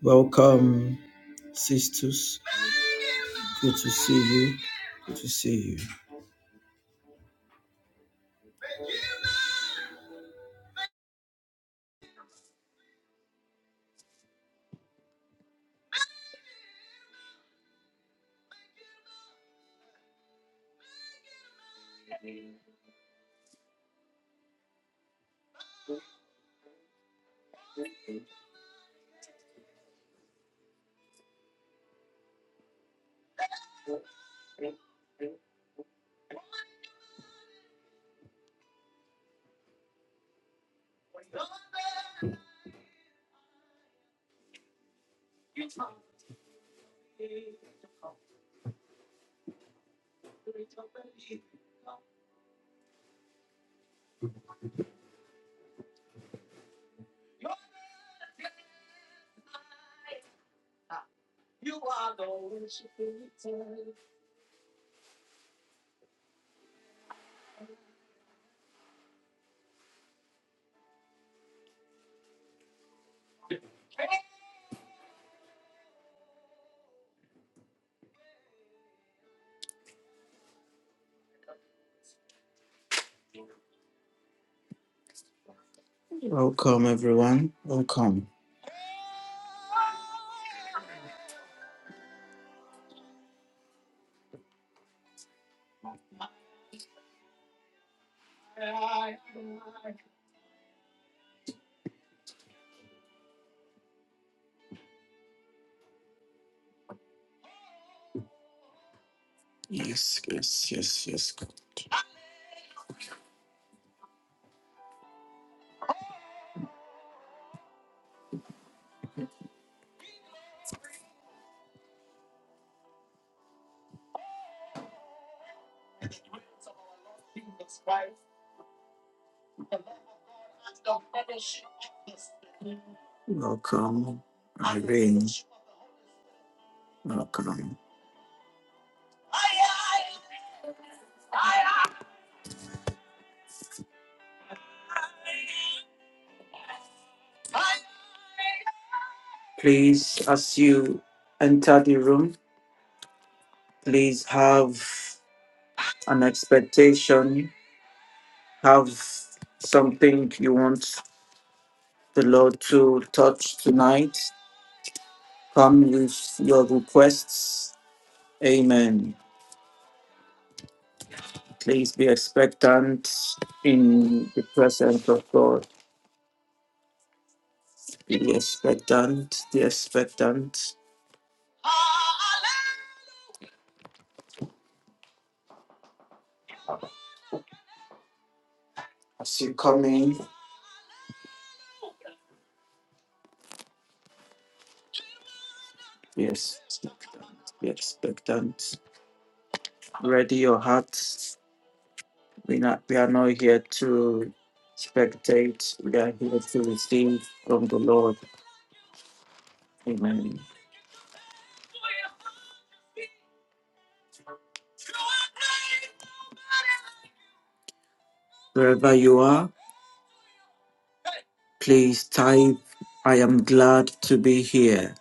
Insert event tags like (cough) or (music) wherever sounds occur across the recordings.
Welcome, sisters. Good to see you. Good to see you. Welcome, everyone. Welcome. Yes, yes, yes, yes. Good. Welcome, Irene. Welcome. Please, as you enter the room, please have an expectation, have something you want the Lord to touch tonight. Come with your requests. Amen. Please be expectant in the presence of God. Be expectant, be expectant. As you come in, be expectant, be expectant. Ready your hearts. We, not, we are not here to spectate, we are here to receive from the Lord. Amen. Wherever you are, please type, I am glad to be here.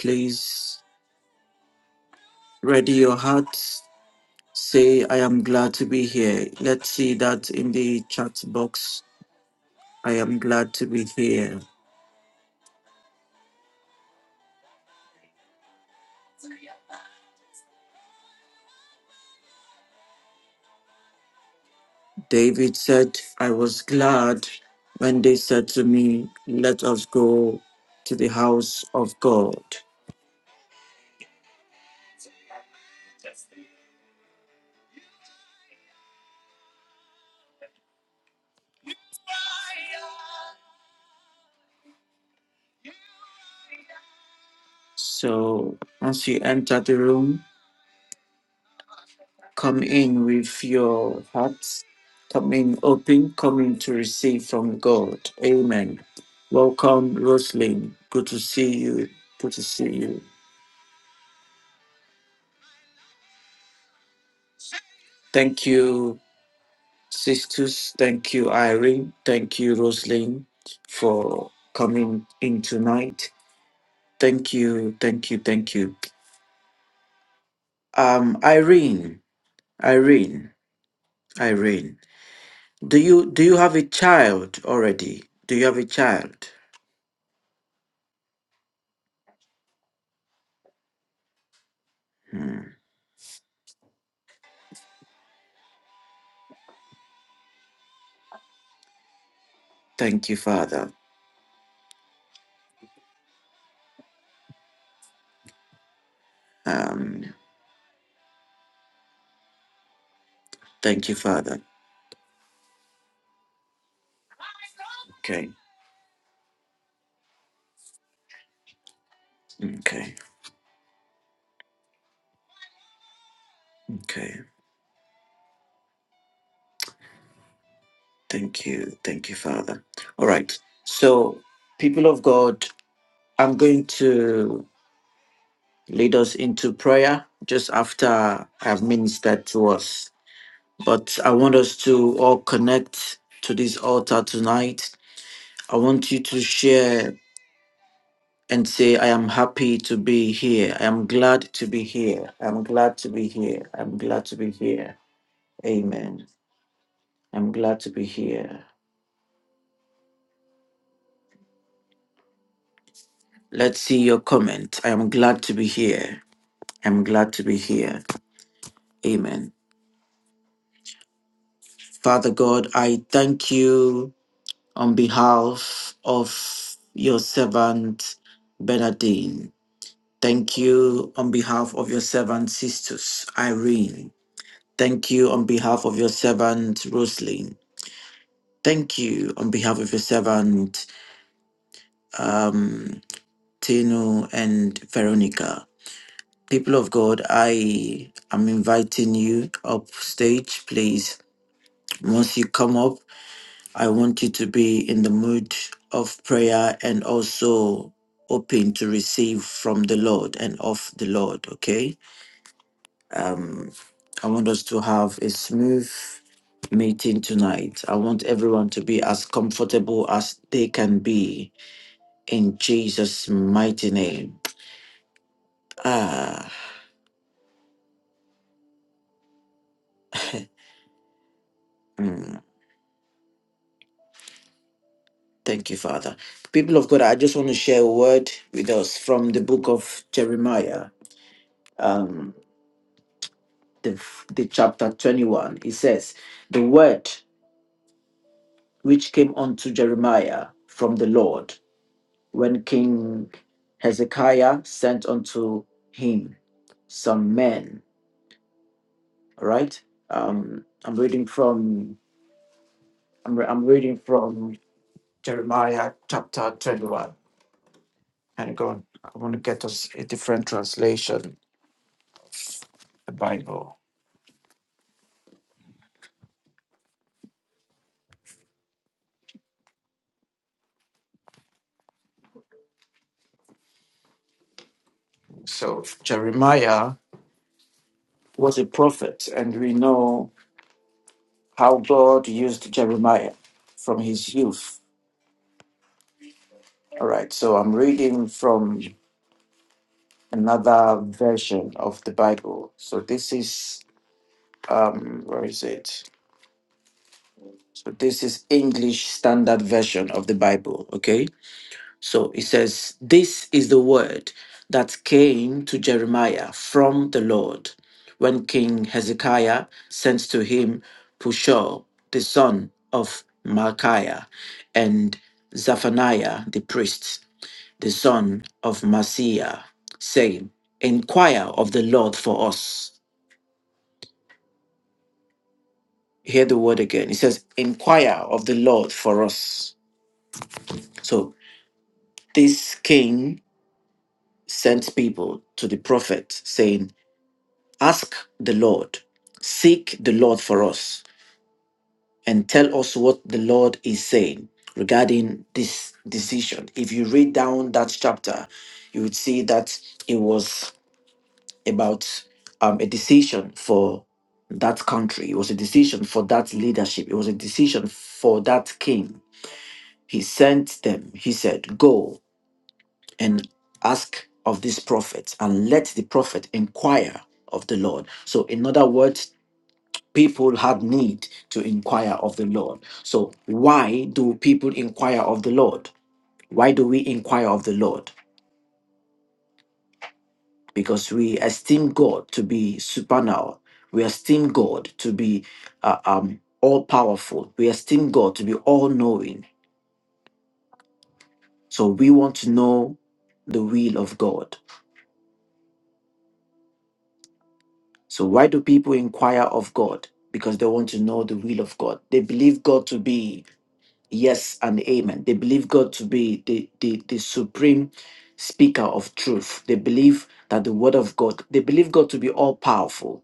Please ready your hearts Say, I am glad to be here. Let's see that in the chat box. I am glad to be here. David said, I was glad when they said to me, Let us go to the house of God. So once you enter the room, come in with your hearts, come in open, come in to receive from God. Amen. Welcome, Roslyn. Good to see you. Good to see you. Thank you Sisters, thank you, Irene. Thank you, Rosalind, for coming in tonight. Thank you, thank you, thank you. Um, Irene, Irene, Irene. Do you do you have a child already? Do you have a child? Hmm. Thank you, Father. Um, thank you, Father. Okay, okay, okay. Thank you, thank you, Father. All right. So, people of God, I'm going to. lead us into prayer just after I've ministered to us. But I want us to all connect to this altar tonight. I want you to share and say, I am happy to be here. I am glad to be here. I'm glad to be here. I'm glad to be here. Amen. I'm glad to be here. Let's see your comment. I am glad to be here. I'm glad to be here. Amen. Father God, I thank you on behalf of your servant Bernardine. Thank you on behalf of your servant Sisters Irene. Thank you on behalf of your servant Roslyn, Thank you on behalf of your servant um, Tino and Veronica. People of God, I am inviting you up stage, please. Once you come up, I want you to be in the mood of prayer and also open to receive from the Lord and of the Lord, okay? Um, I want us to have a smooth meeting tonight. I want everyone to be as comfortable as they can be in Jesus' mighty name. Ah, mm, thank you, Father. People of God, I just want to share a word with us from the book of Jeremiah. Um, the, the chapter 21 it says the word which came unto jeremiah from the lord when king hezekiah sent unto him some men all right um i'm reading from i'm, re- I'm reading from jeremiah chapter 21 and go on i want to get us a different translation the bible so jeremiah was a prophet and we know how God used Jeremiah from his youth. All right, so I'm reading from another version of the Bible. So this is um where is it? So this is English Standard Version of the Bible, okay? So it says, This is the word that came to Jeremiah from the Lord when King Hezekiah sent to him Pushol, the son of Malchiah, and Zephaniah the priest, the son of Masiah, saying, 'Inquire of the Lord for us. Hear the word again. It says, Inquire of the Lord for us. So this king sent people to the prophet saying, Ask the Lord, seek the Lord for us, and tell us what the Lord is saying regarding this decision. If you read down that chapter, you would see that it was about um, a decision for that country, it was a decision for that leadership, it was a decision for that king. He sent them, he said, Go and ask of this prophet, and let the prophet inquire of the Lord. So, in other words, people have need to inquire of the Lord. So, why do people inquire of the Lord? Why do we inquire of the Lord? Because we esteem God to be supernal. We esteem God to be uh, um, all powerful. We esteem God to be all knowing. So, we want to know the will of God. So, why do people inquire of God? Because they want to know the will of God. They believe God to be Yes and amen. They believe God to be the, the, the supreme speaker of truth. They believe that the word of God, they believe God to be all powerful.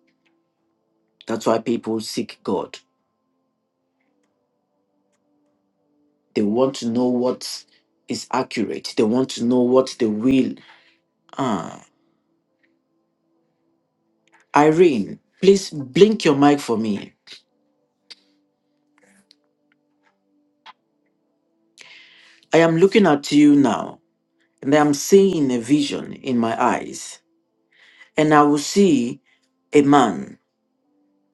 That's why people seek God. They want to know what is accurate. They want to know what the will. Ah, Irene, please blink your mic for me. I am looking at you now, and I am seeing a vision in my eyes, and I will see a man,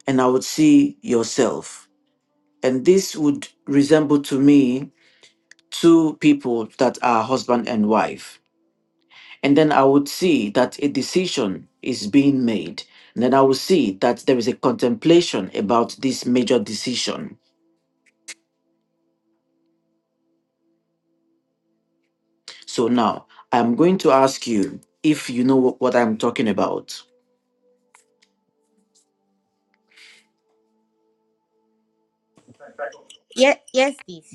and I will see yourself. And this would resemble to me two people that are husband and wife. And then I would see that a decision is being made. And then I would see that there is a contemplation about this major decision. So now I'm going to ask you if you know what I'm talking about. Yes, yes, please.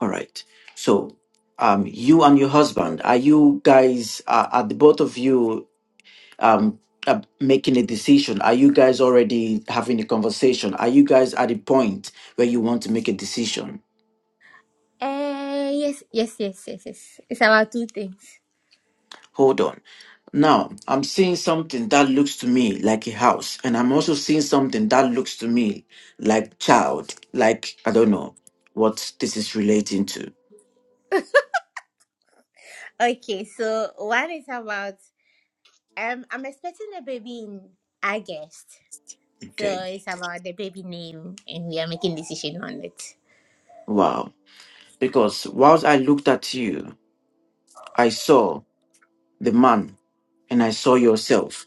All right. So um, you and your husband, are you guys, are, are the both of you um uh, making a decision are you guys already having a conversation are you guys at a point where you want to make a decision Uh, yes, yes, yes, yes, yes. It's about two things. hold on now i'm seeing something that looks to me like a house and i'm also seeing something that looks to me like child like i don't know what this is relating to Okay, so one is about um I'm expecting a baby in August. So okay it's about the baby name and we are making decision on it. wow because whilst i looked at you i saw the man and i saw yourself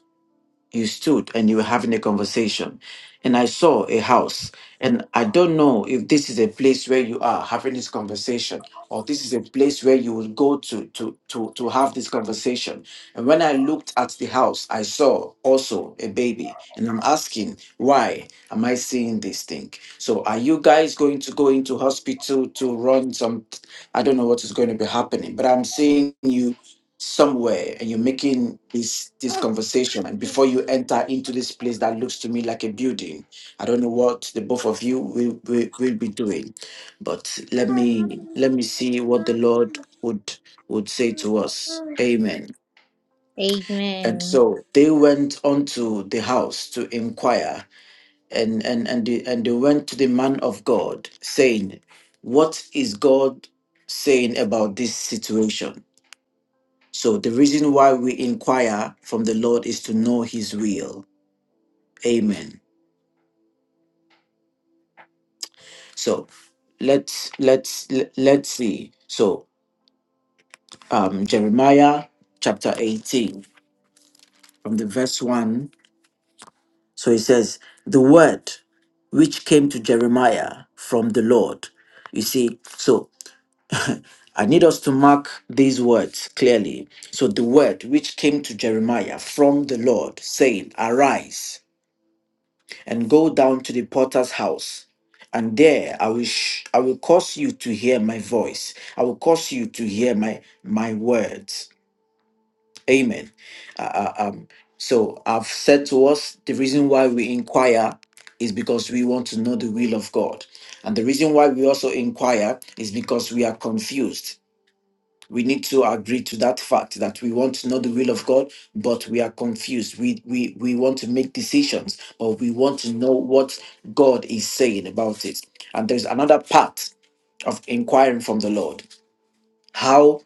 you stood and you were having a conversation and i saw a house and i don't know if this is a place where you are having this conversation or this is a place where you will go to to to to have this conversation and when i looked at the house i saw also a baby and i'm asking why am i seeing this thing so are you guys going to go into hospital to run some i don't know what is going to be happening but i'm seeing you somewhere and you're making this this conversation and before you enter into this place that looks to me like a building i don't know what the both of you will, will, will be doing but let me let me see what the lord would would say to us amen and Amen. so they went unto the house to inquire and and and they, and they went to the man of god saying what is god saying about this situation so the reason why we inquire from the Lord is to know his will. Amen. So let's let's le- let's see. So um Jeremiah chapter 18 from the verse 1. So he says, "The word which came to Jeremiah from the Lord." You see, so I need us to mark these words clearly. So the word which came to Jeremiah from the Lord saying, "Arise." and go down to the potter's house. And there I will sh- I will cause you to hear my voice. I will cause you to hear my my words. Amen. Uh, uh, um, so I've said to us the reason why we inquire is because we want to know the will of God, and the reason why we also inquire is because we are confused we need to agree to that fact that we want to know the will of God, but we are confused. We we we want to make decisions, but we want to know what God is saying about it. And there's another part of inquiring from the Lord. How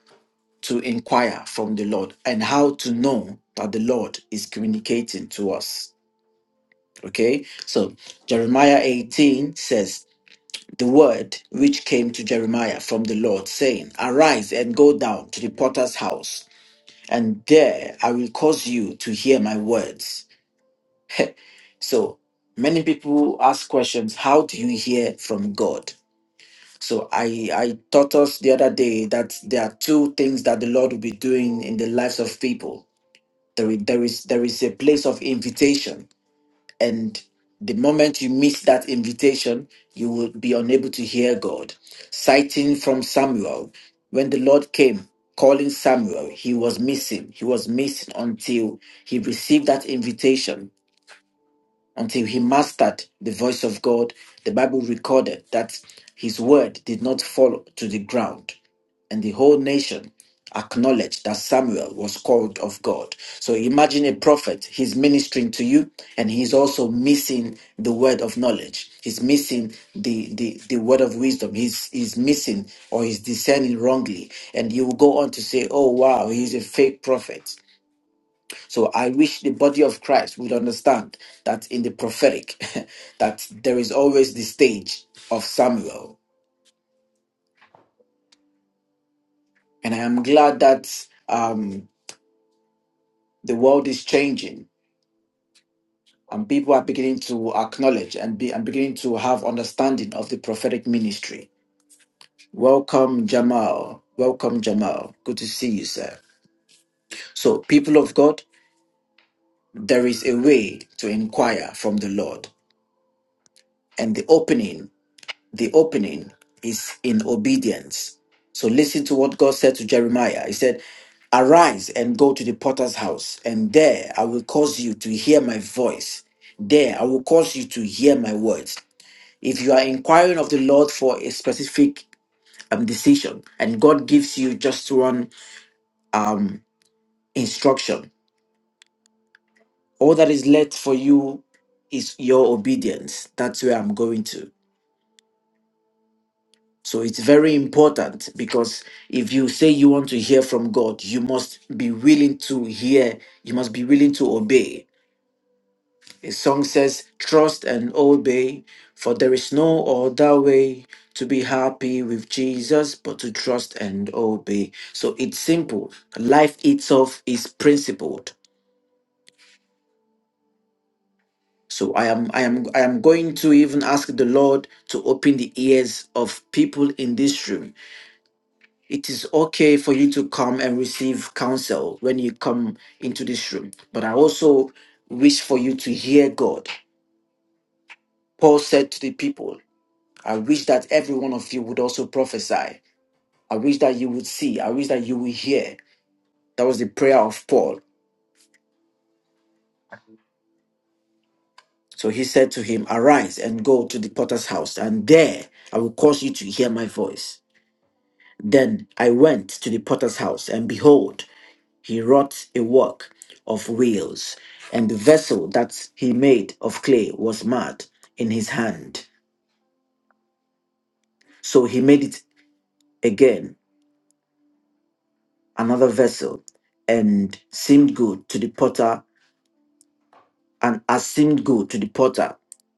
to inquire from the Lord and how to know that the Lord is communicating to us. Okay? So Jeremiah 18 says, the word which came to Jeremiah from the Lord, saying, Arise and go down to the potter's house and there I will cause you to hear my words. So many people ask questions, how do you hear from God? So I, I taught us the other day that there are two things that the Lord will be doing in the lives of people. There is, there is, there is a place of invitation and the moment you miss that invitation, you will be unable to hear God. Citing from Samuel, when the Lord came calling Samuel, he was missing. He was missing until he received that invitation until he mastered the voice of God. The Bible recorded that his word did not fall to the ground, and the whole nation acknowledged that Samuel was called of God. So imagine a prophet, he's ministering to you, and he's also missing the word of knowledge. He's missing the, the, the word of wisdom. He's, he's missing or he's discerning wrongly. And you will go on to say, oh, wow, he's a fake prophet. So I wish the body of Christ would understand that in the prophetic, (laughs) that there is always the stage of Samuel. And I am glad that um, the world is changing and people are beginning to acknowledge and be and beginning to have understanding of the prophetic ministry. Welcome, Jamal. Welcome, Jamal. Good to see you, sir. So, people of God, there is a way to inquire from the Lord. And the opening the opening is in obedience. So listen to what God said to Jeremiah. He said, Arise and go to the potter's house, and there I will cause you to hear my voice. There I will cause you to hear my words. If you are inquiring of the Lord for a specific um, decision, and God gives you just one um, instruction, all that is left for you is your obedience. That's where I'm going to. So it's very important because if you say you want to hear from God, you must be willing to hear, you must be willing to obey. The song says, Trust and obey, for there is no other way to be happy with Jesus but to trust and obey. So it's simple. Life itself is principled. So I am I am I am going to even ask the Lord to open the ears of people in this room It is okay for you to come and receive counsel when you come into this room. But I also wish for you to hear God. Paul said to the people, I wish that every one of you would also prophesy. I wish that you would see. I wish that you would hear. That was the prayer of Paul. So he said to him, Arise and go to the potter's house, and there I will cause you to hear my voice. Then I went to the potter's house, and behold, he wrought a work of wheels, and the vessel that he made of clay was mud in his hand. So he made it again, another vessel, and seemed good to the potter, and as seemed good to the potter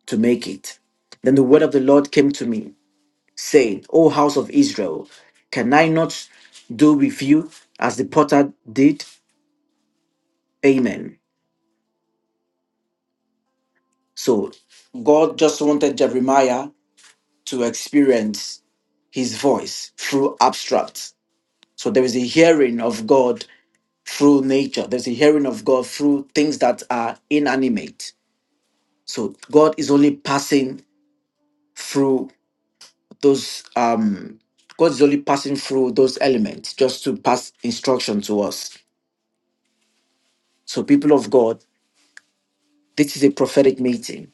to make it. Then the word of the Lord came to me, saying, O house of Israel, can I not do with you as the potter did? Amen. So God just wanted Jeremiah to experience his voice through abstracts. So there is a hearing of God through nature. There's a hearing of God through things that are inanimate. So God is only passing through those um God is only passing through those elements just to pass instruction to us. So people of God, this is a prophetic meeting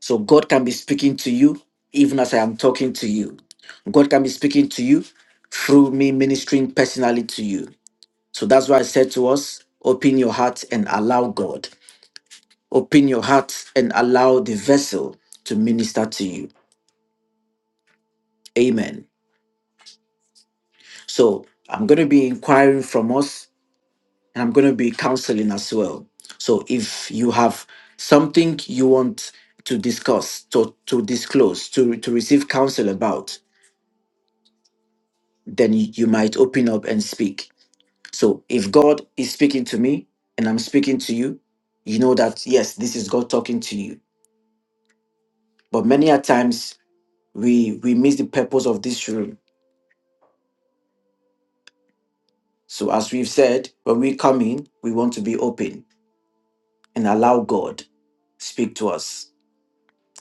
So God can be speaking to you even as I am talking to you. God can be speaking to you through me ministering personally to you. So that's why I said to us, open your heart and allow God. Open your heart and allow the vessel to minister to you. Amen. So I'm going to be inquiring from us and I'm going to be counseling as well. So if you have something you want to discuss, to, to disclose, to, to receive counsel about, then you, you might open up and speak. So if God is speaking to me and I'm speaking to you, you know that yes, this is God talking to you. But many a times we we miss the purpose of this room. So as we've said, when we come in, we want to be open and allow God speak to us.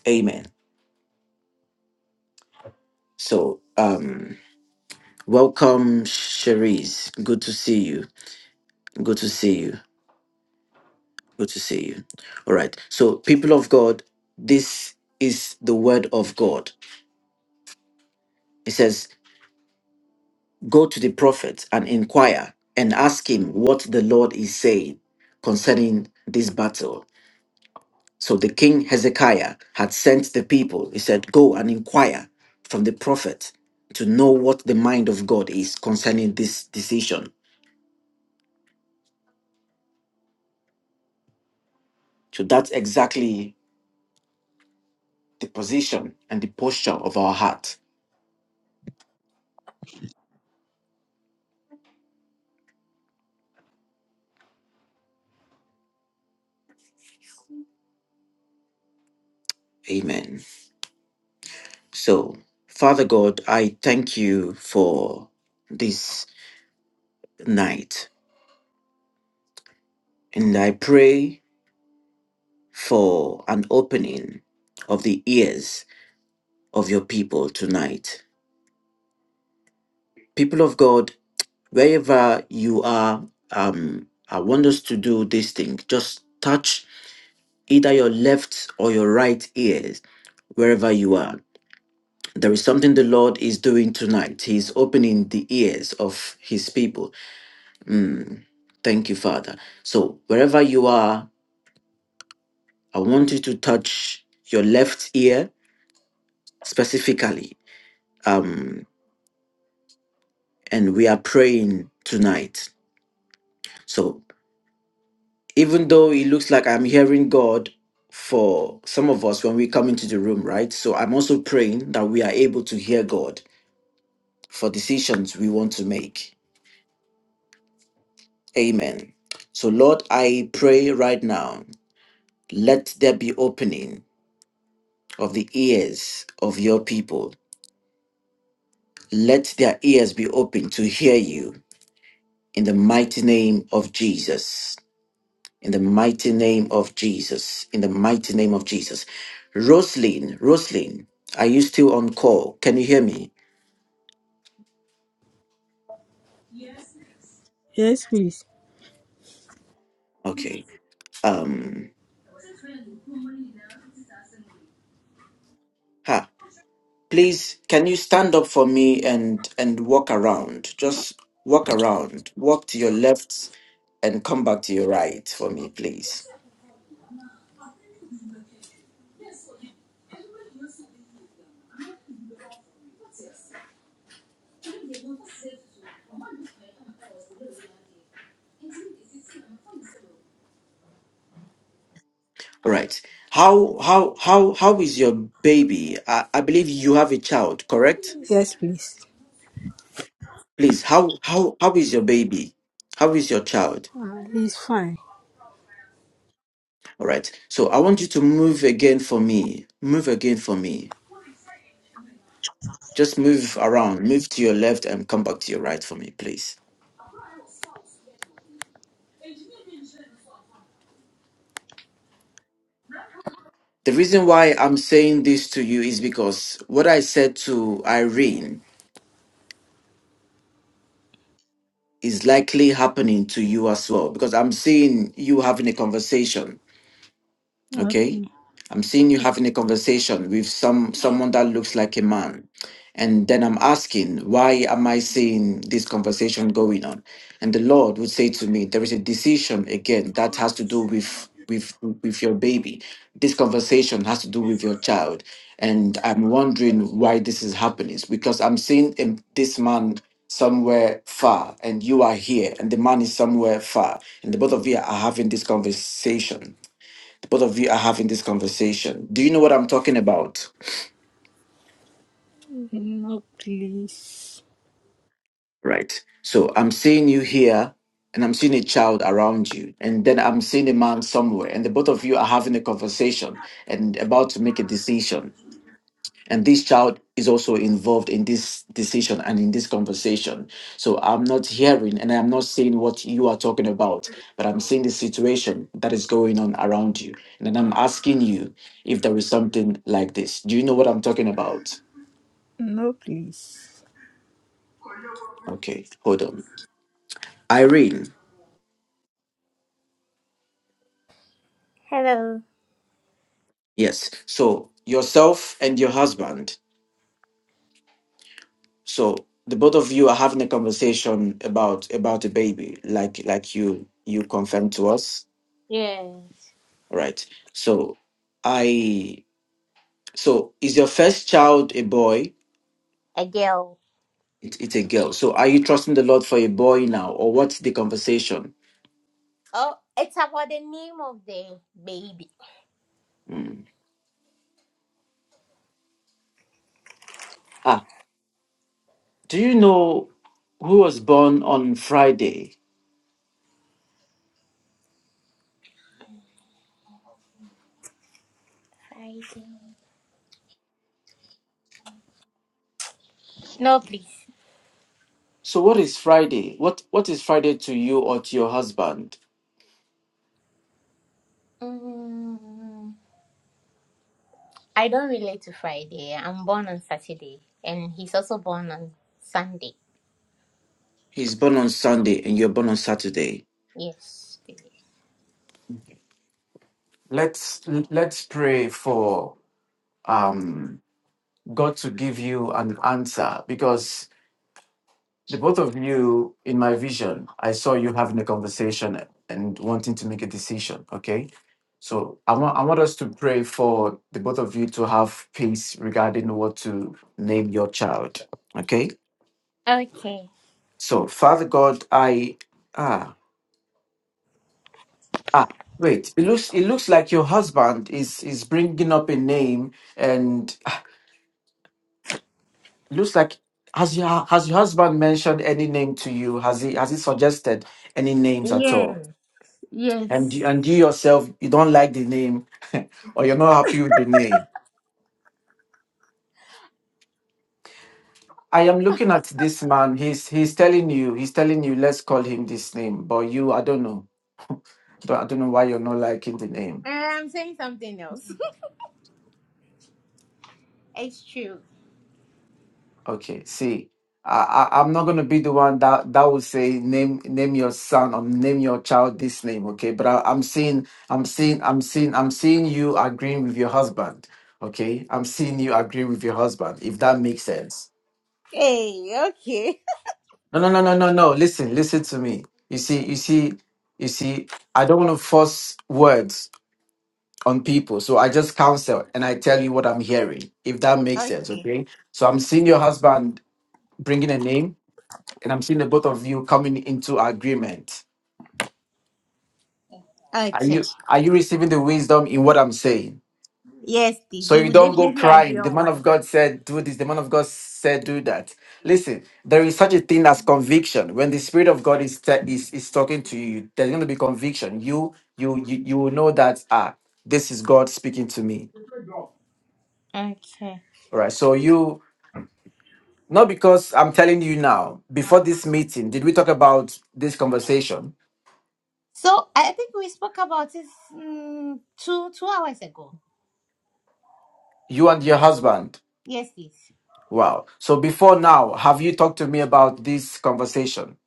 Amen. So um welcome Cherise. Good to see you. Good to see you. Good to see you. All right. So, people of God, this is the word of God. It says, Go to the prophet and inquire and ask him what the Lord is saying concerning this battle. So, the king Hezekiah had sent the people. He said, Go and inquire from the prophet to know what the mind of God is concerning this decision. So, that's exactly the position and the posture of our heart. Amen. So, Father God, I thank you for this night. And I pray for an opening of the ears of your people tonight. People of God, wherever you are, um, I want us to do this thing. Just touch either your left or your right ears, wherever you are. There is something the Lord is doing tonight. He's opening the ears of his people Mm. Thank you, Father. So, wherever you are, I want you to touch your left ear specifically. Um, and we are praying tonight. So, even though it looks like I'm hearing God for some of us when we come into the room, right? So, I'm also praying that we are able to hear God for decisions we want to make. Amen. So, Lord, I pray right now, let there be opening of the ears of your people Let their ears be open to hear you in the mighty name of Jesus. In the mighty name of Jesus. In the mighty name of Jesus. Roslyn, Roslyn, are you still on call? Can you hear me? Okay. Um ha. Please can you stand up for me and and walk around? Just walk around. Walk to your left and come back to your right for me, please. All Right. How how how how is your baby? I, I believe you have a child, correct? Yes, please. Please, how how how is your baby? How is your child? Ah, he's fine. All right. So I want you to move again for me. Move again for me. Just move around. Move to your left and come back to your right for me, please. The reason why I'm saying this to you is because what I said to Irene is likely happening to you as well because I'm seeing you having a conversation okay Okay. i'm seeing you having a conversation with some someone that looks like a man and then i'm asking why am i seeing this conversation going on and the lord would say to me there is a decision again that has to do with with with your baby this conversation has to do with your child and i'm wondering why this is happening It's because i'm seeing um, this man somewhere far and you are here and the man is somewhere far and the both of you are having this conversation both of you are having this conversation. Do you know what I'm talking about? No, please. Right. So I'm seeing you here and I'm seeing a child around you. And then I'm seeing a man somewhere. And the both of you are having a conversation and about to make a decision. And this child is also involved in this decision and in this conversation. So I'm not hearing and I'm not seeing what you are talking about, but I'm seeing the situation that is going on around you. And then I'm asking you if there is something like this. Do you know what I'm talking about? No, please. Okay, hold on. Irene, Hello. yes. So yourself and your husband. So the both of you are having a conversation about about a baby, like like you you confirmed to us, Yes. right? So I so is your first child a boy? A girl. It, it's a girl. So are you trusting the Lord for a boy now, or what's the conversation? Oh, it's about the name of the baby. Mm. Ah, do you know who was born on Friday? Friday. No, please. So what is Friday? What what is Friday to you or to your husband? Mm. I don't relate to Friday. I'm born on Saturday, and he's also born on Sunday. He's born on Sunday and you're born on Saturday. Yes. Let's let's pray for um, God to give you an answer because the both of you, in my vision, I saw you having a conversation and wanting to make a decision. Okay, so I want I want us to pray for the both of you to have peace regarding what to name your child. Okay, Okay. so Father God, I ah. Ah, wait. It looks it looks like your husband is is bringing up a name, and it looks like has your has your husband mentioned any name to you? Has he has he suggested any names at all? Yes. And you- Yes. and you yourself, you don't like the name, (laughs) or you're not happy with the name. I am looking at this man. He's he's telling you he's telling you let's call him this name, but you I don't know. Don't- I don't know why you're not liking the name. Uh, I'm saying something else. (laughs) it's true. Okay, see, I, I I'm not gonna be the one that that will say name name your son or name your child this name, okay? But I, I'm seeing I'm seeing I'm seeing I'm seeing you agreeing with your husband, okay? I'm seeing you agree with your husband, if that makes sense. Hey. Okay. (laughs) No, no, no, no, no, no. Listen, listen to me. You see, you see, you see. I don't want to force words on people, so I just counsel and I tell you what I'm hearing, if that makes sense, Okay. okay? So I'm seeing your husband bringing a name. and I'm seeing the both of you coming into agreement. Are Okay. you are you receiving the wisdom in what I'm saying? Yes, this So we you will don't go definitely agree crying. The on man of one. God said, do this. The man of God said, do that. Listen, there is such a thing as conviction. When the Spirit of God is te- is, is talking to you, there's going to be conviction. You you you you will know that ah, this is God speaking to me. Okay. All right. So you not because I'm telling you now. Before this meeting, did we talk about this conversation? So I think we spoke about this mm, two two hours ago. You and your husband. Yes, this. Wow. So before now, have you talked to me about this conversation?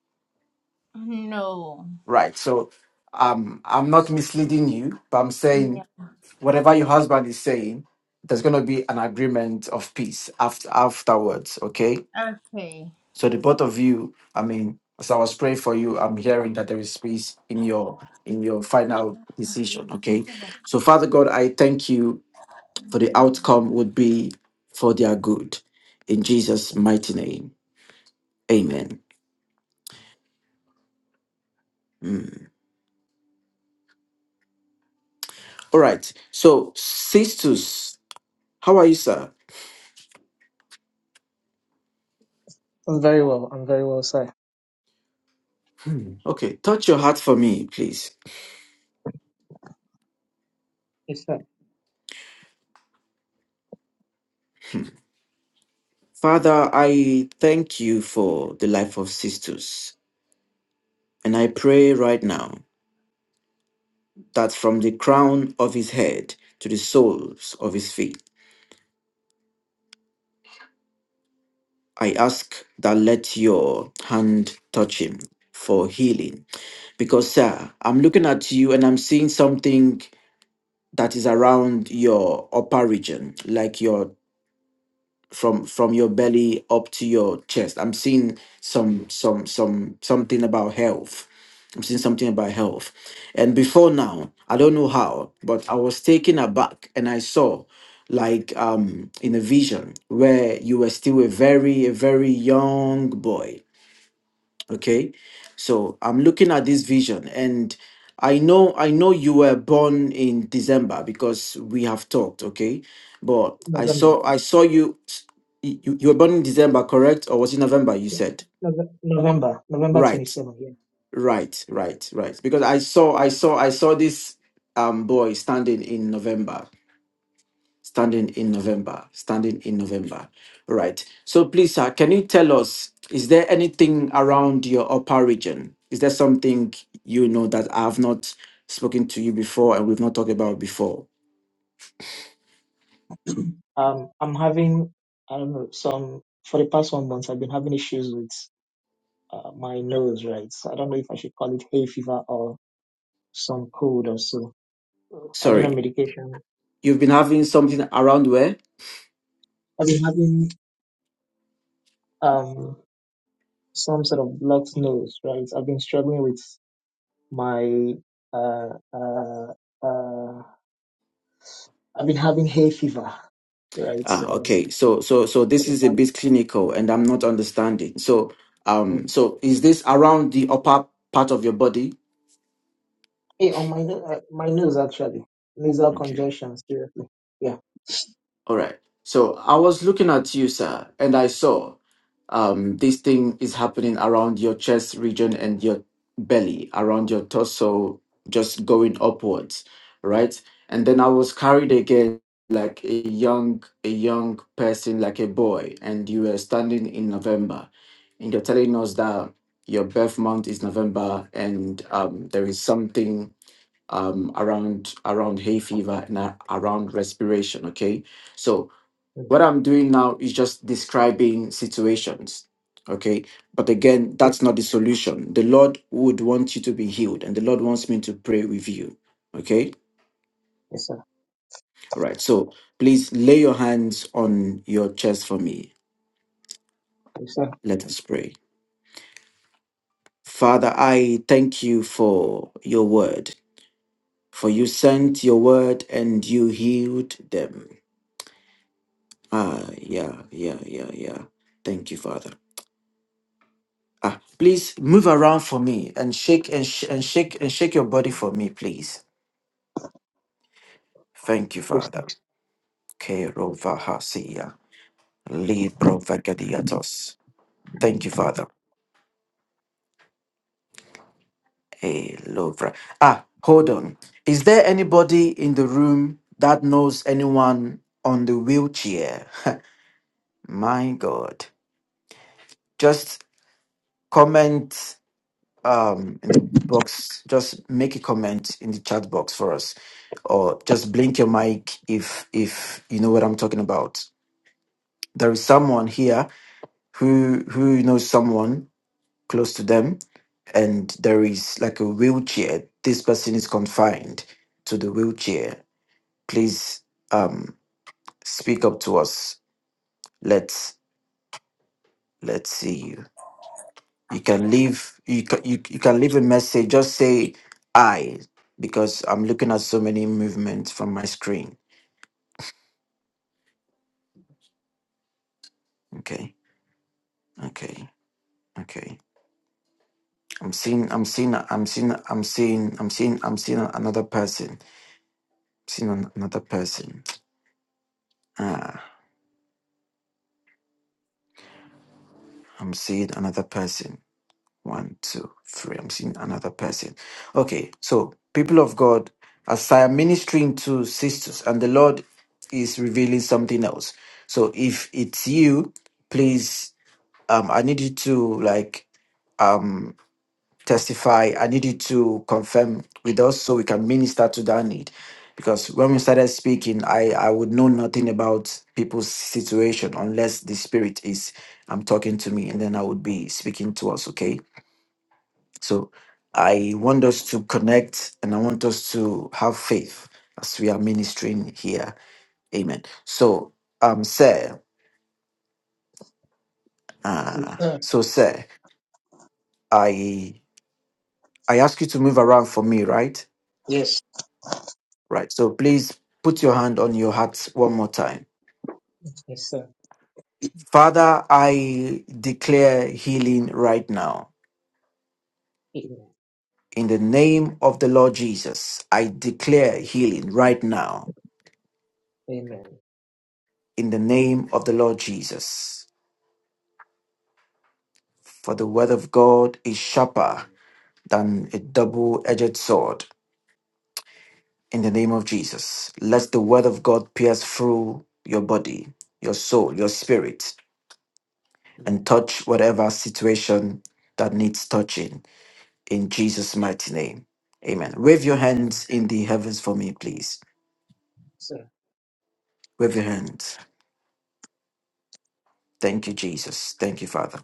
No. Right. So um, I'm not misleading you, but I'm Yeah. saying whatever your husband is saying, there's going to be an agreement of peace after afterwards. Okay. Okay. So the both of you, I mean, as I was praying for you, I'm hearing that there is peace in your in your final decision. Okay. So Father God, I thank you for the outcome would be for their good. In Jesus' mighty name. Amen. Mm. All right. So, Sistus, how are you, sir? I'm very well. I'm very well, sir. Hmm. Okay. Touch your heart for me, please. It's uh, Father, I thank you for the life of Sistus. And I pray right now that from the crown of his head to the soles of his feet, I ask that let your hand touch him for healing. Because, sir, I'm looking at you and I'm seeing something that is around your upper region, like your from from your belly up to your chest. I'm seeing some some some something about health. I'm seeing something about health. And before now, I don't know how, but I was taken aback and I saw like um in a vision where you were still a very a very young boy okay so i'm looking at this vision and i know i know you were born in december because we have talked okay but i November. saw i saw you you, you were born in december correct or was it november you Yeah, said Nove- November. November twenty right seventh. Yeah. right right right because i saw i saw i saw this um boy standing in november standing in November, standing in November. All right. So please, sir, can you tell us, is there anything around your upper region? Is there something you know that I have not spoken to you before and we've not talked about before? Um, I'm having, I don't know, some, for the past one month, I've been having issues with uh, my nose, right? So I don't know if I should call it hay fever or some cold or so. I've been on Sorry, medication. you've been having something around where? I've been having um some sort of blocked nose, right? I've been struggling with my, uh, uh, uh, I've been having hay fever, right? Ah, okay. Um, So, so, so for this the is a past bit clinical, and I'm not understanding. So, mm. um, so is this around the upper part of your body? Hey, on my no- uh, my nose actually, nasal congestion. Seriously, yeah, All right. So I was looking at you, sir, and I saw um, this thing is happening around your chest region and your belly, around your torso, just going upwards, right? And then I was carried Mm, again like a young, a young person, like a boy, and you were standing in November, and you're telling us that your birth month is November, and um, there is something um, around around hay fever and a- around respiration. Okay, so mm, what I'm doing now is just describing situations. Okay, but again, yeah, that's not the solution. The Lord would want you to be healed, and the Lord wants me to pray with you. Okay, yes sir, all right. So please lay your hands on your chest for me. yes sir, Let us pray. Father, I thank you for your word, for you sent your word and you healed them. Ah, yeah, yeah, yeah, yeah. Thank you, Father. Ah, please move around for me and shake and, sh- and shake and shake your body for me, please. Thank you, yes sir, Father. Kerovahasia, librovagadiatos. Thank you, Father. Elovra. Ah, hold on. Is there anybody in the room that knows anyone on the wheelchair? (laughs) My God. Just comment um, in the box, just make a comment in the chat box for us, or just blink your mic if if you know what I'm talking about. There is someone here who who knows someone close to them, and there is like a wheelchair. This person is confined to the wheelchair. Please um, speak up to us. Let's let's see you. you can leave you can, you, you can leave a message just say i because i'm looking at so many movements from my screen okay okay okay i'm seeing i'm seeing i'm seeing i'm seeing i'm seeing i'm seeing another person I'm seeing an- another person ah i'm seeing another person One, two, three. I'm seeing another person. Okay, so people of God, as I am ministering to sisters, and the Lord is revealing something else. So if it's you, please, um, I need you to like um testify. I need you to confirm with us so we can minister to that need. Because when we started speaking, I I would know nothing about people's situation unless the spirit is I'm talking to me, and then I would be speaking to us. Okay so I want us to connect and I want us to have faith as we are ministering here. Amen. So um sir, yes uh sir, so sir, I I ask you to move around for me, right? yes, Right. So please put your hand on your heart one more time. yes sir. Father, I declare healing right now. Amen, In the name of the Lord Jesus, I declare healing right now. amen, In the name of the Lord Jesus. For the word of God is sharper than a double edged sword. In the name of Jesus, let the word of God pierce through your body, your soul, your spirit, and amen, touch whatever situation that needs touching. In Jesus' mighty name. Amen. Wave your amen, hands in the heavens for me, please. Yes, sir. Wave your hands. Thank you, Jesus. Thank you, Father.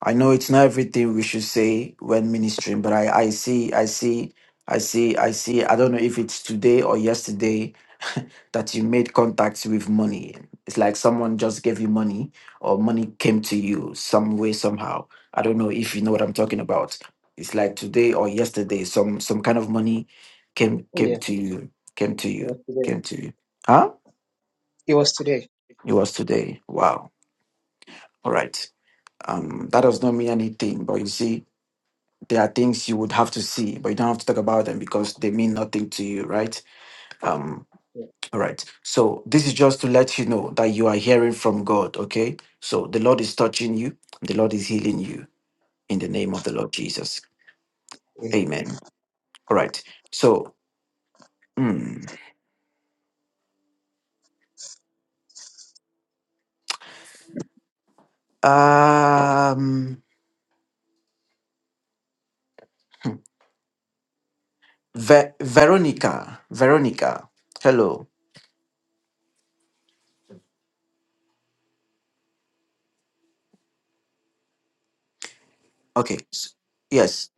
I know it's not everything we should say when ministering, but I, I see, I see, I see, I see. I don't know if it's today or yesterday (laughs) that you made contacts with money. It's like someone just gave you money or money came to you some way, somehow. I don't know if you know what I'm talking about. It's like today or yesterday, some some kind of money came came Yeah, to you, came to it you, was today. came to you. Huh? It was today. It was today. Wow. All right. Um, that does not mean anything, but you see, There are things you would have to see, but you don't have to talk about them because they mean nothing to you, right? Um, Yeah. all right. So this is just to let you know that you are hearing from God, okay? So the Lord is touching you, the Lord is healing you in the name of the Lord Jesus. Amen. Amen. All right. So mm, um Ve- Veronica, Veronica. Hello. Okay. s- Yes.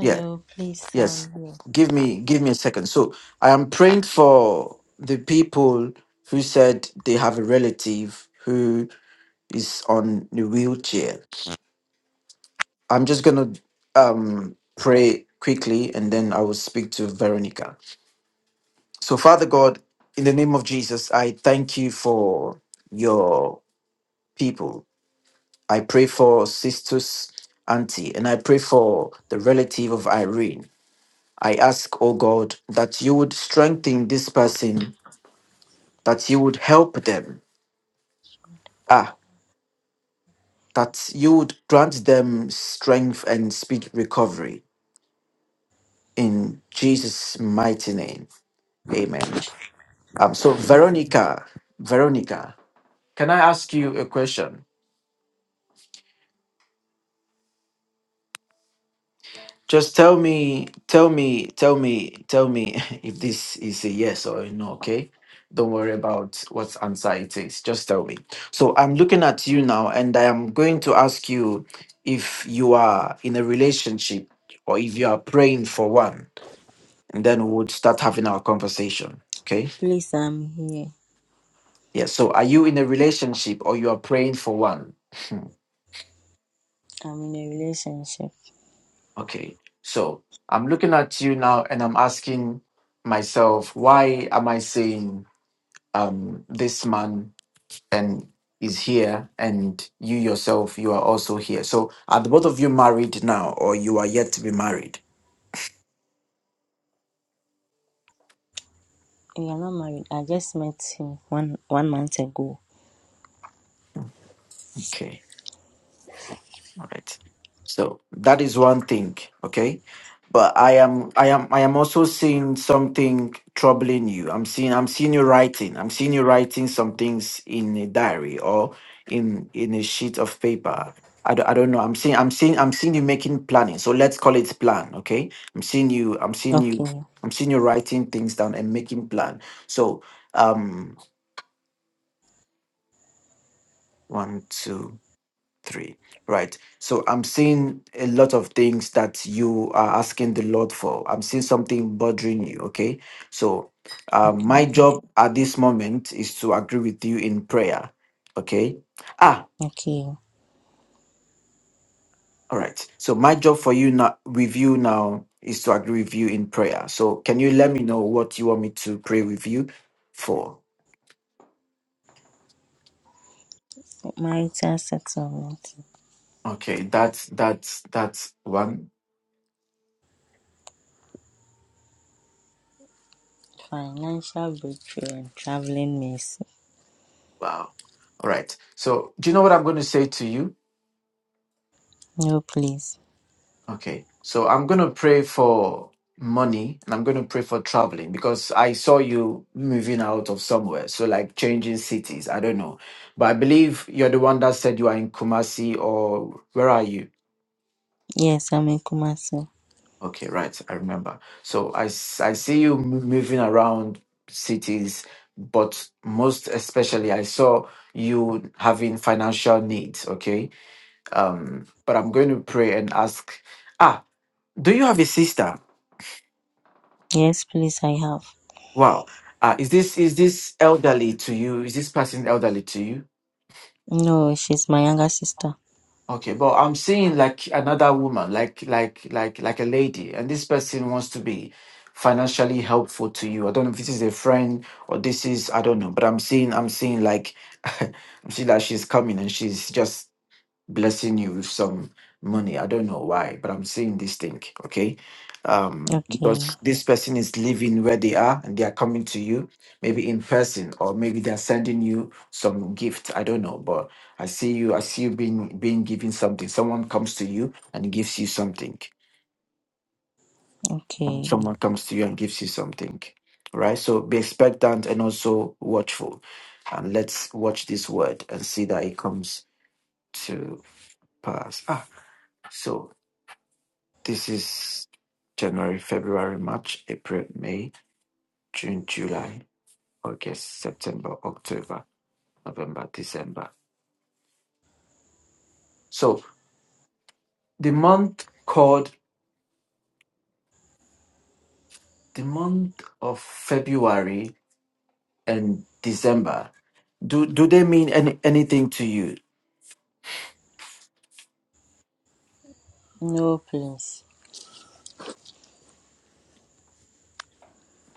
yes. please, I'm Yes. here. Give me give me a second. So I am praying for the people who said they have a relative who is on the wheelchair. I'm just gonna um pray quickly and then I will speak to Veronica. So Father God, in the name of Jesus, I thank you for your people. I pray for sisters auntie and I pray for the relative of Irene. I ask, O God, that you would strengthen this person, that you would help them, ah, that you would grant them strength and speed recovery. In Jesus' mighty name, amen. Um, so, Veronica, Veronica, can I ask you a question? Just tell me, tell me, tell me, tell me (laughs) if this is a yes or a no, okay? Don't worry about what answer it is. Just tell me. So I'm looking at you now and I am going to ask you if you are in a relationship or if you are praying for one, and then we would start having our conversation. Okay? Please, I'm here. Yeah. So are you in a relationship or you are praying for one? Hmm, I'm in a relationship. okay. So I'm looking at you now and I'm asking myself, why am I saying um, this man and is here and you yourself you are also here so are the both of you married now or you are yet to be married We are not married. I just met him one one month ago. okay All right. So that is one thing, okay? But I am I am I am also seeing something troubling you. I'm seeing I'm seeing you writing. I'm seeing you writing some things in a diary or in in a sheet of paper. I don't, I don't know. I'm seeing I'm seeing I'm seeing you making planning. So let's call it plan, okay? I'm seeing you I'm seeing you Okay, I'm seeing you writing things down and making plan. So um one two. three right so i'm seeing a lot of things that you are asking the lord for i'm seeing something bothering you okay so uh, okay, my job at this moment is to agree with you in prayer okay ah okay. all right so my job for you now with you now is to agree with you in prayer so can you let me know what you want me to pray with you for Marital settlement, okay that's that's that's one financial breakthrough, and traveling mercy. wow all right so do you know what i'm going to say to you No, please. Okay. So I'm going to pray for money and I'm going to pray for traveling because I saw you moving out of somewhere. So, like changing cities. I don't know. But I believe you're the one that said you are in Kumasi or where are you? Yes, I'm in Kumasi. Okay, right. I remember. So I, s- I see you mo- moving around cities, but most especially, I saw you having financial needs. Okay. Um, but I'm going to pray and ask, ah, do you have a sister? Yes, please, I have. Wow. Uh, is this is this elderly to you? Is this person elderly to you? No, she's my younger sister. Okay, but I'm seeing like another woman, like like like like a lady, and this person wants to be financially helpful to you. I don't know if this is a friend or this is I don't know, but I'm seeing I'm seeing like (laughs) I'm seeing that she's coming and she's just blessing you with some money. I don't know why, but I'm seeing this thing, okay? Um, Okay, because this person is living where they are and they are coming to you, maybe in person, or maybe they're sending you some gift. I don't know, but I see you, I see you being being given something. Someone comes to you and gives you something. Um, okay. Someone comes to you and gives you something. Right? So be expectant and also watchful. And let's watch this word and see that it comes to pass. Ah, so. This is January, February, March, April, May, June, July, August, September, October, November, December. So the month called the month of February and December. Do do they mean any, anything to you? No, please.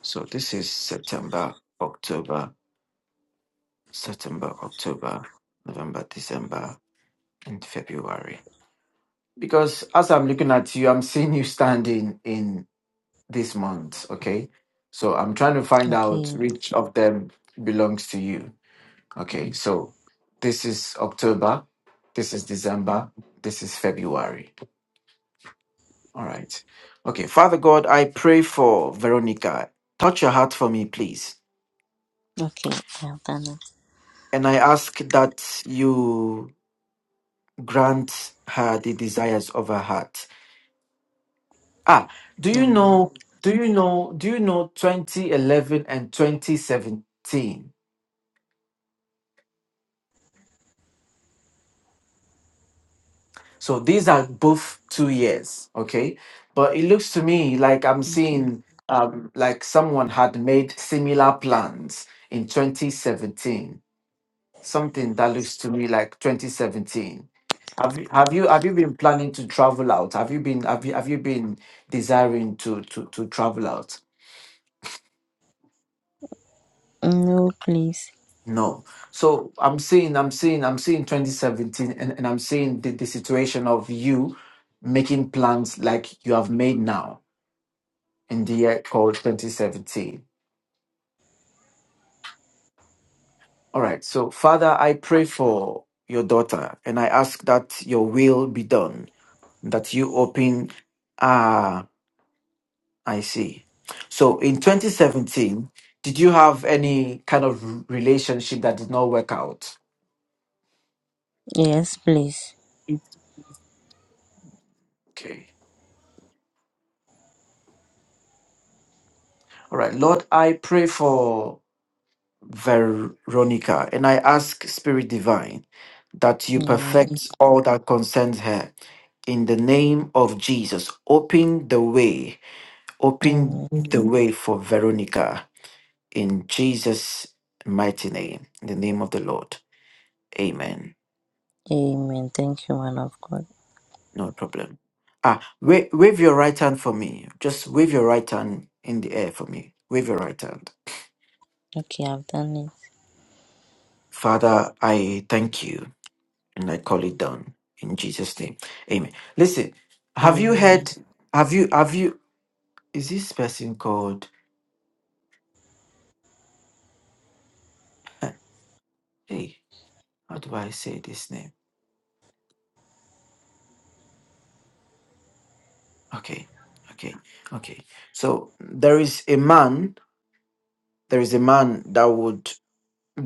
So this is September, October, September, October, November, December, and February. Because as I'm looking at you, I'm seeing you standing in. this month. Okay. So I'm trying to find out Okay, which of them belongs to you. Okay. So this is October. This is December. This is February. All right. Okay. Father God, I pray for Veronica. Touch her heart for me, please. okay. I have done it. And I ask that you grant her the desires of her heart. Ah, do you Amen. know? Do you know? Do you know 2011 and 2017? So these are both two years, okay? But it looks to me like I'm Okay. seeing um, like someone had made similar plans in 2017. Something that looks to me like 2017. Have you have you have you been planning to travel out? Have you been have you have you been desiring to to to travel out? No, please. No. So I'm seeing I'm seeing I'm seeing 2017 and, and I'm seeing the, the situation of you making plans like you have made now in the year called 2017. All right. So, Father, I pray for your daughter and I ask that your will be done, that you open. Ah, I see. So, in 2017, did you have any kind of relationship that did not work out? Yes, please. Okay. All right. Lord, I pray for Veronica, and I ask, Spirit Divine, that you Amen. perfect all that concerns her. In the name of Jesus, open the way, open Amen. the way for Veronica. In Jesus' mighty name, in the name of the Lord. Amen. Amen. Thank you, man of God. No problem. Ah, wave, wave your right hand for me. Just wave your right hand in the air for me. Wave your right hand. Okay, I've done it. Father, I thank you. and I call it done in Jesus' name. Amen. Listen, have you Amen. heard? Have you? Have you? Is this person called? uh, Hey, how do I say this name? Okay, okay, okay. So there is a man. There is a man that would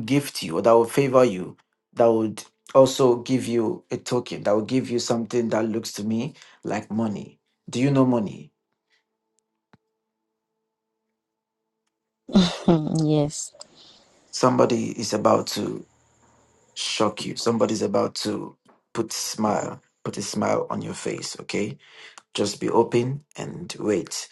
gift you, or that would favor you, that would also give you a token, that would give you something that looks to me like money. Do you know money? (laughs) yes. Somebody is about to. shock you. Somebody's about to put smile, put a smile on your face, okay? Just be open and wait.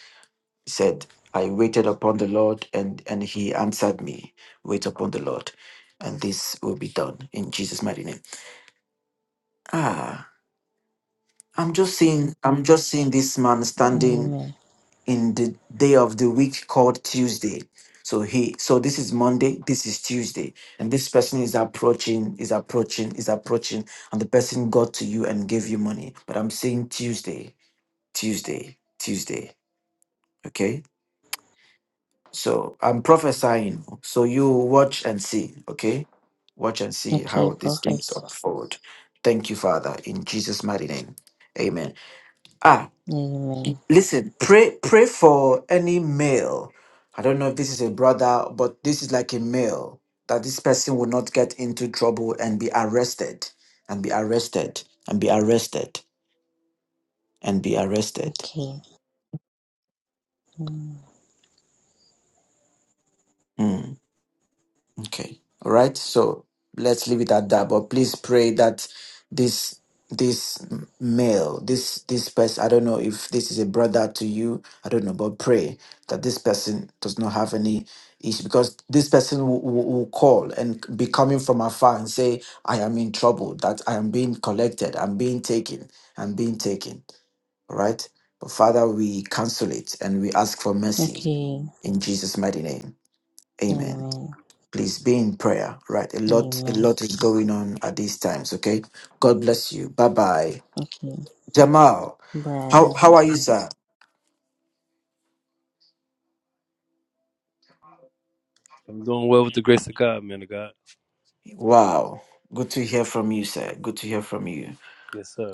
He said, I waited upon the Lord and and he answered me. Wait upon the Lord and this will be done in Jesus mighty name. Ah, I'm just seeing I'm just seeing this man standing Amen. in the day of the week called Tuesday. So he so this is Monday, this is Tuesday. And this person is approaching, is approaching, is approaching, and the person got to you and gave you money. But I'm saying Tuesday, Tuesday, Tuesday. Okay? So I'm prophesying. So you watch and see, okay? Watch and see Okay, how these things prophet. unfold. Thank you, Father, in Jesus' mighty name. Amen. Ah. Amen. listen pray pray for any male i don't know if this is a brother but this is like a male that this person will not get into trouble and be arrested and be arrested and be arrested and be arrested Okay. Mm. Hmm. Okay. All right. So let's leave it at that. But please pray that this this m- male, this this person, I don't know if this is a brother to you. I don't know, but pray that this person does not have any issue because this person will, will, will call and be coming from afar and say, "I am in trouble. That I am being collected. I'm being taken. I'm being taken." All right. But Father, we cancel it and we ask for mercy Okay. in Jesus' mighty name. Amen. Amen. Please be in prayer. Right. A lot, a Amen. lot is going on at these times. Okay. God bless you. Bye bye. Okay. Jamal, Bye. how how are you, sir? I'm doing well with the grace of God, man of God. Wow. Good to hear from you, sir. Good to hear from you. Yes, sir.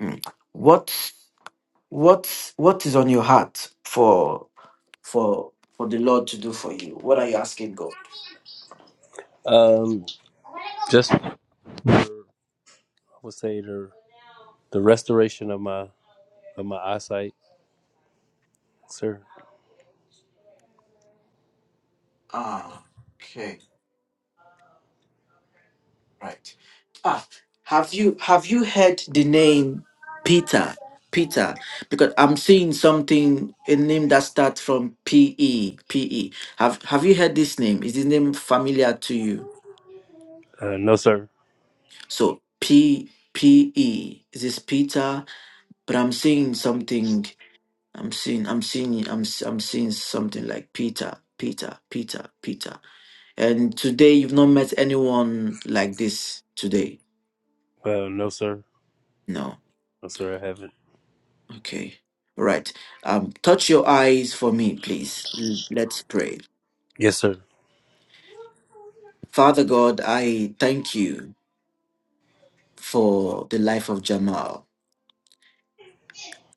Mm. What what what is on your heart for for for the Lord to do for you? What are you asking God? Um, just for, I would say the the restoration of my of my eyesight, sir. Ah, okay. Right. Ah, have you have you heard the name Peter? Peter, because I'm seeing something a name that starts from P E P E. Have Have you heard this name? Is this name familiar to you? Uh, no, sir. So P P E. Is this Peter? But I'm seeing something. I'm seeing. I'm seeing. I'm s- I'm seeing something like Peter. Peter. Peter. Peter. And today you've not met anyone like this today. Uh, no, sir. No. No, sir. I haven't. Okay. All right. Um, touch your eyes for me, please. L- Let's pray. Yes, sir. Father God, I thank you for the life of Jamal.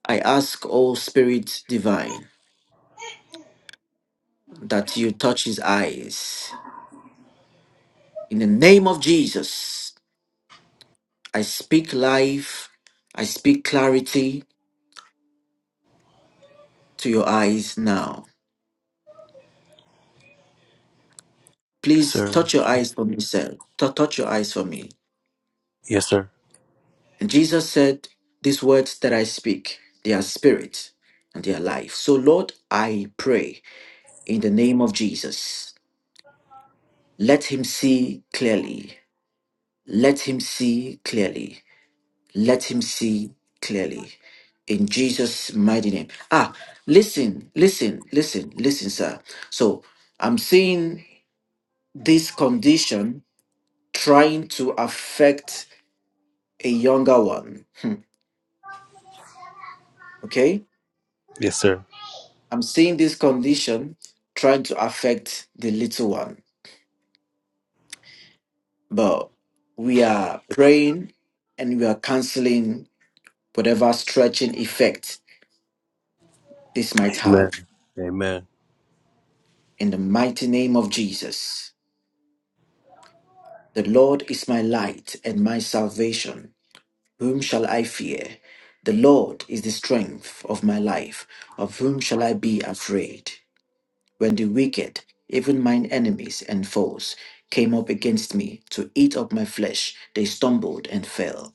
I ask, O Spirit Divine, that you touch his eyes. In the name of Jesus, I speak life, I speak clarity to your eyes now. Yes, Please sir. touch your eyes for me, sir. Tou- touch your eyes for me. Yes, sir. And Jesus said, These words that I speak, they are spirit and they are life. So, Lord, I pray in the name of Jesus, let him see clearly. Let him see clearly. Let him see clearly. In Jesus' mighty name. Ah, listen, listen, listen, listen, sir. So, I'm seeing this condition trying to affect a younger one. Hmm, Okay? Yes, sir. I'm seeing this condition trying to affect the little one, but we are praying and we are canceling whatever stretching effect this might have. Amen. Amen. In the mighty name of Jesus, the Lord is my light and my salvation. Whom shall I fear? The Lord is the strength of my life. Of whom shall I be afraid? when the wicked, even mine enemies and foes, came up against me to eat up my flesh, they stumbled and fell.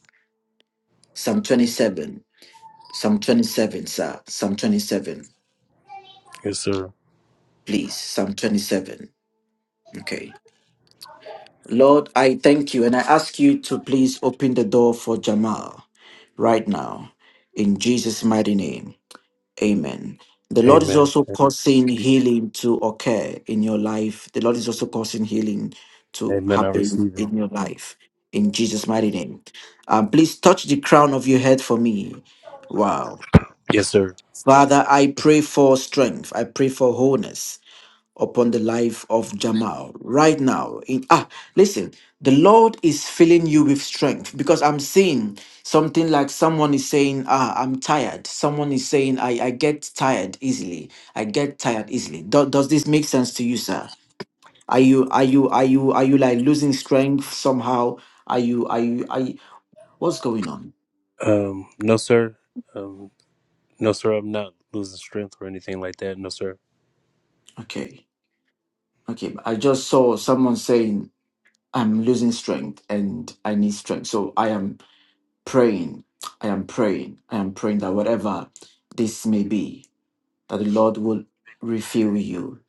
Psalm 27. Psalm 27, sir. Psalm 27. Yes, sir. Please, Psalm 27. Okay. Lord, I thank you and I ask you to please open the door for Jamal right now in Jesus' mighty name. Amen. The Lord is Amen. also causing healing to occur in your life. The Lord is also causing healing to Amen. I happen receive it. in your life. In Jesus' mighty name. Um, please touch the crown of your head for me. Wow. Yes, sir. Father, I pray for strength. I pray for wholeness upon the life of Jamal right now. In ah, listen, the Lord is filling you with strength because I'm seeing something like someone is saying, Ah, I'm tired. Someone is saying, I, I get tired easily. I get tired easily. Do- does this make sense to you, sir? Are you are you are you are you like losing strength somehow? Are you are you are you, what's going on? Um, no, sir. Um, no, sir. I'm not losing strength or anything like that. No, sir. Okay. Okay. I just saw someone saying I'm losing strength and I need strength. So I am praying. I am praying. I am praying that whatever this may be, that the Lord will refill you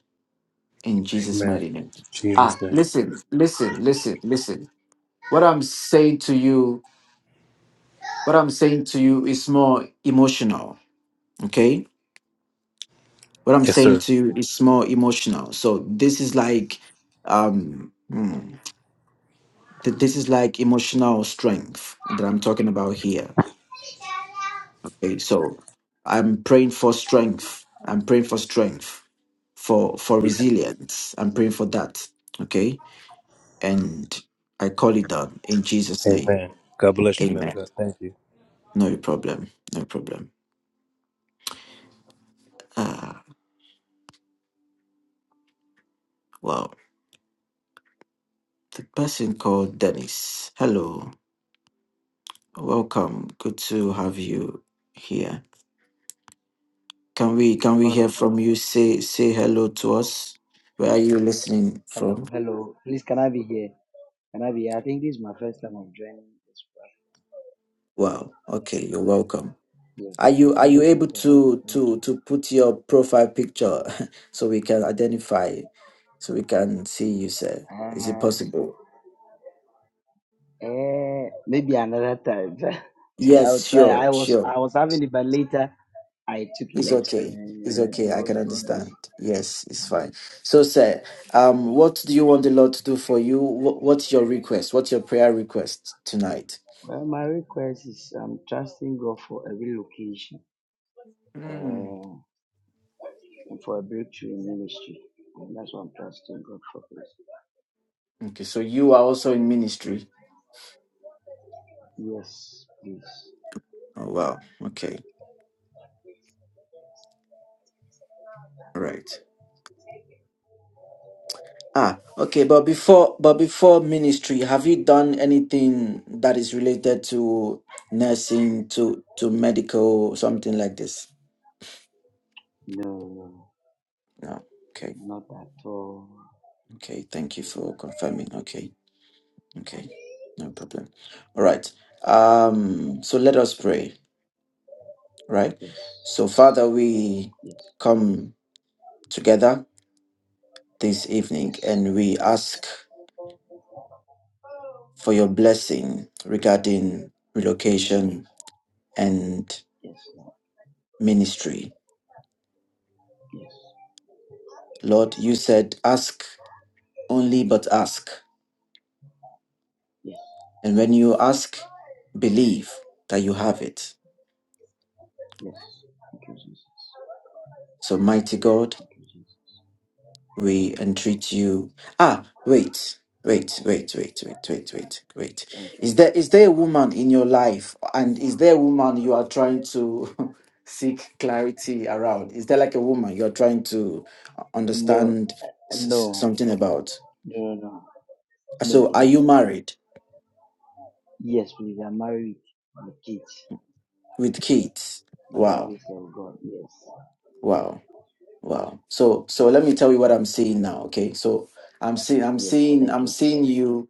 in Jesus' Amen. mighty name. Ah, Jesus' name. listen, listen, listen, listen. What I'm saying to you, what I'm saying to you is more emotional. Okay? What I'm Yes, saying sir. to you is more emotional. So this is like um hmm, th- this is like emotional strength that I'm talking about here. Okay, so I'm praying for strength. I'm praying for strength, for for resilience. I'm praying for that. Okay, and I call it down in Jesus' name. Amen. God bless you, man of Amen. God. Thank you. No problem. No problem. Ah, well, the person called Dennis. Hello, welcome. Good to have you here. Can we can we Man hear of God. from you? Say say hello to us. Where are you listening Hello, from? hello. Please, can I be here? Can I be here? I think this is my first time of joining this platform. Wow. Okay, you're welcome. Yes, Are I you are think you this is my able first time. to Thank to to put your profile picture (laughs) so we can identify you, so we can see you, sir? Is it possible? you. Uh, eh, maybe another time. (laughs) I'll Yes, try. sure, I was sure. I was having it, but later I took it It's off uh, okay. It's and I okay. I brought, can brought this. understand. Yes, it's fine. So, sir, um, what do you want the Lord to do for you? What, what's your request? What's your prayer request tonight? Well, my request is I'm trusting God for a relocation Hmm. uh, and for a breakthrough in ministry. And that's what I'm trusting God for. Please. Okay, so you are also in ministry. Yes, please. Oh wow. Okay. All right. Ah, okay, but before but before ministry, have you done anything that is related to nursing, to to medical, something like this? No, no. no. No. Okay. Not at all. Okay. Thank you for confirming. Okay. Okay. No problem. All right. Um, so let us pray, right? Yes. So Father, we Yes. come together this evening Yes. and we ask for your blessing regarding Amen. relocation and Yes, Lord. ministry Yes. Lord, you said, ask only but ask. Yes. And when you ask, believe that you have it. Yes. Thank you, Jesus. So, mighty God, Thank you, Jesus. Yes, we Lord. entreat you. Ah, wait, wait, wait, wait, Yes. wait, wait, wait, wait. Thank you. Is there is there a woman in your life, and is there a woman you are trying to (laughs) seek clarity around? Is there like a woman you are trying to No. uh, understand s- s- No. something about? No, no, no. No, So, are please. you married Yes, please. I'm married. My kids. with kids? By the Wow, grace of God. Yes. wow. Wow. So so let me tell you what I'm seeing now. Okay. So I'm seeing I'm Yes, seeing thank I'm you. seeing you,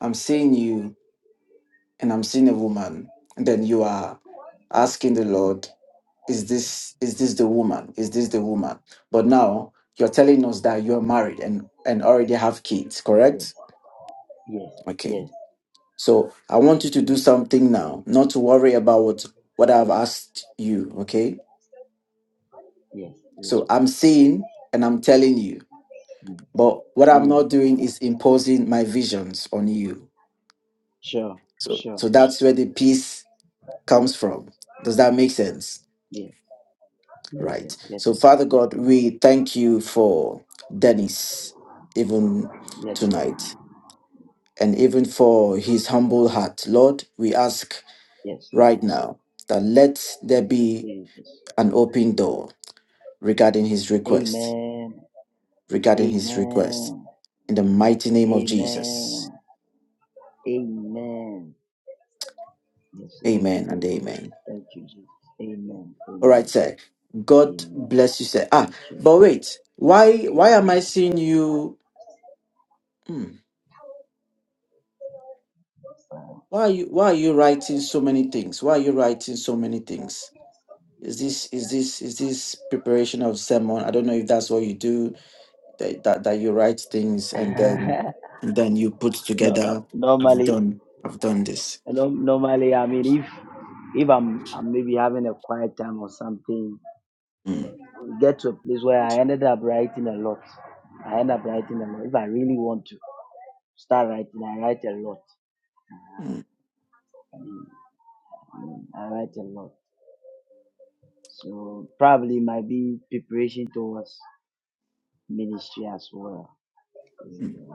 I'm seeing you, and I'm seeing a woman. And then you are asking the Lord, is this is this the woman? Is this the woman? But now you're telling us that you're married and and already have kids, Yes, correct? yes, yes, Okay. yes, So I want you to do yes. something now, not to worry about what what I've Thank asked you. Okay. you. Yes, yes, So I'm yes. seeing and I'm telling you Mm. But what I'm Mm. not doing is imposing my visions on you. Sure, So, sure. so that's where the peace comes from. Does that make sense? Yes, yes, sir. Right. yes, So, sir. Father God, we thank you for Dennis, even yes, Lord. tonight, and even for his humble heart. Lord, we ask Yes, Lord. right now that let there be Jesus. an open door regarding his request, Amen. regarding his request. Amen. In the mighty name of Jesus. Amen. Amen. Yes, Lord. Amen and amen. Thank you, Jesus. Amen. All right, Amen. sir. God Amen. bless you, sir. Ah, Thank you. but wait, why why am I Amen. seeing you? Hmm, Wow. why are you why are you writing so many things? Why are you writing so many things? Is this is this is this preparation of sermon? I don't know if that's what you do that that, that you write things and then (laughs) and then you put together. no, I've normally done I've done this. You know, normally, I mean, if if I'm, I'm maybe having a quiet time or something, Hmm, get to a place where I ended up writing a lot. I end up writing a lot. If I really want to start writing, I write a lot. hmm, Mm, I write a lot. So probably it might be preparation towards ministry as well. hmm. Mm,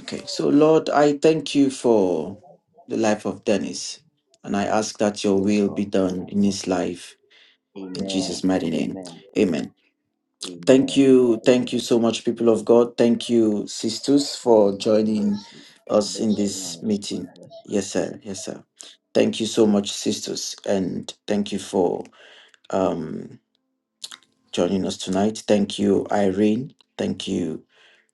Okay, so Lord, I thank you for the life of Dennis, and I ask that your Yes, will be Lord. done in his life In Jesus' Amen. mighty name. Amen. Amen. Thank Amen. you. Thank you Amen. so much, people of God. Thank you, sisters, for Amen. God bless joining you. God us in bless you, man. this meeting. God bless you. Yes, sir. Yes, sir. Thank you so much, sisters. And thank you for um, joining us tonight. Thank you, Irene. Thank you,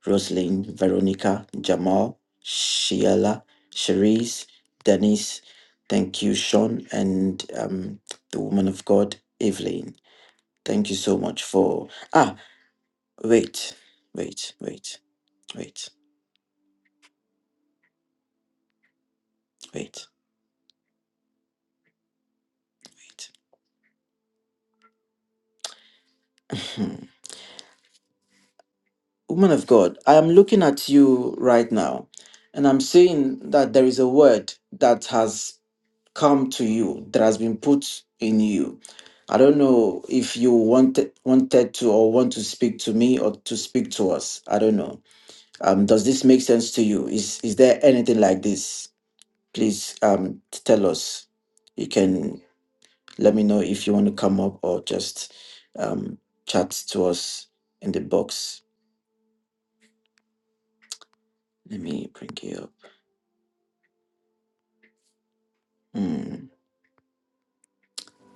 Rosalind, Veronica, Jamal, Sheila, Cherise, Denise. Thank you, Sean, and um, the woman of God, Evelyn. Thank you so much for. Ah, wait, wait, wait, wait, wait, wait. (laughs) (clears throat) Woman of God, I am looking at you right now, and I'm seeing that there is a word that has come to you, that has been put in you. I don't know if you wanted wanted to or want to speak to me or to speak to us. I don't know. Um, does this make sense to you? Is is there anything like this? Please um tell us. You can Let me know if you want to come up or just um, chat to us in the box. Let me bring you up. Hmm.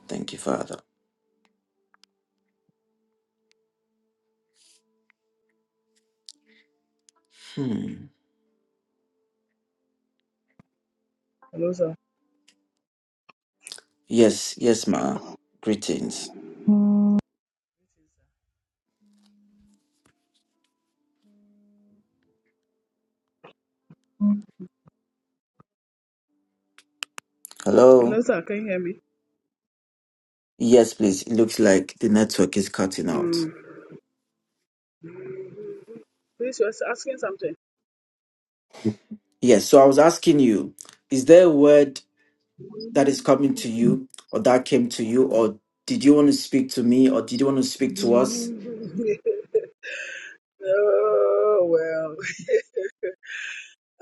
Thank you, Father. Hmm. Hello, sir. Yes, yes, ma. Greetings. Hello, Hello. sir. Can you hear me? Yes, please. It looks like the network is cutting out. Mm. Please, you're asking something. Yes, so I was asking you, is there a word that is coming to you or that came to you, or did you want to speak to me or did you want to speak to us? (laughs) oh, well.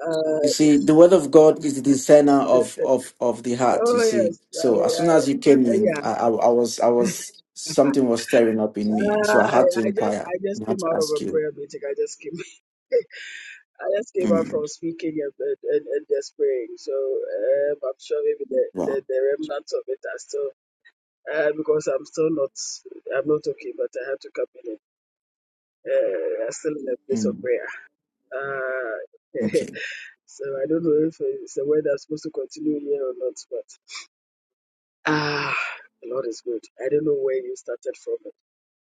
Uh, (laughs) You see, the word of God is the discerner of of of the heart. You oh, see, yes. I, so as soon I, as you came I- in, yeah. I, I, I was I was something was stirring up in me, and so I I, had to I just inquire I and just I had came to out of ask a you. prayer meeting. I just came (laughs) I just came out Mm, from speaking and, and, and, and just praying. So um, I'm sure maybe the, the, wow. the remnants of it are still uh, because I'm still not I'm not okay, but I had to come in. uh, are still in a place of Mm, prayer. Uh, (laughs) okay. so I don't know if it's a word that's supposed to continue here or not, but ah, the Lord is good. I don't know where you started from,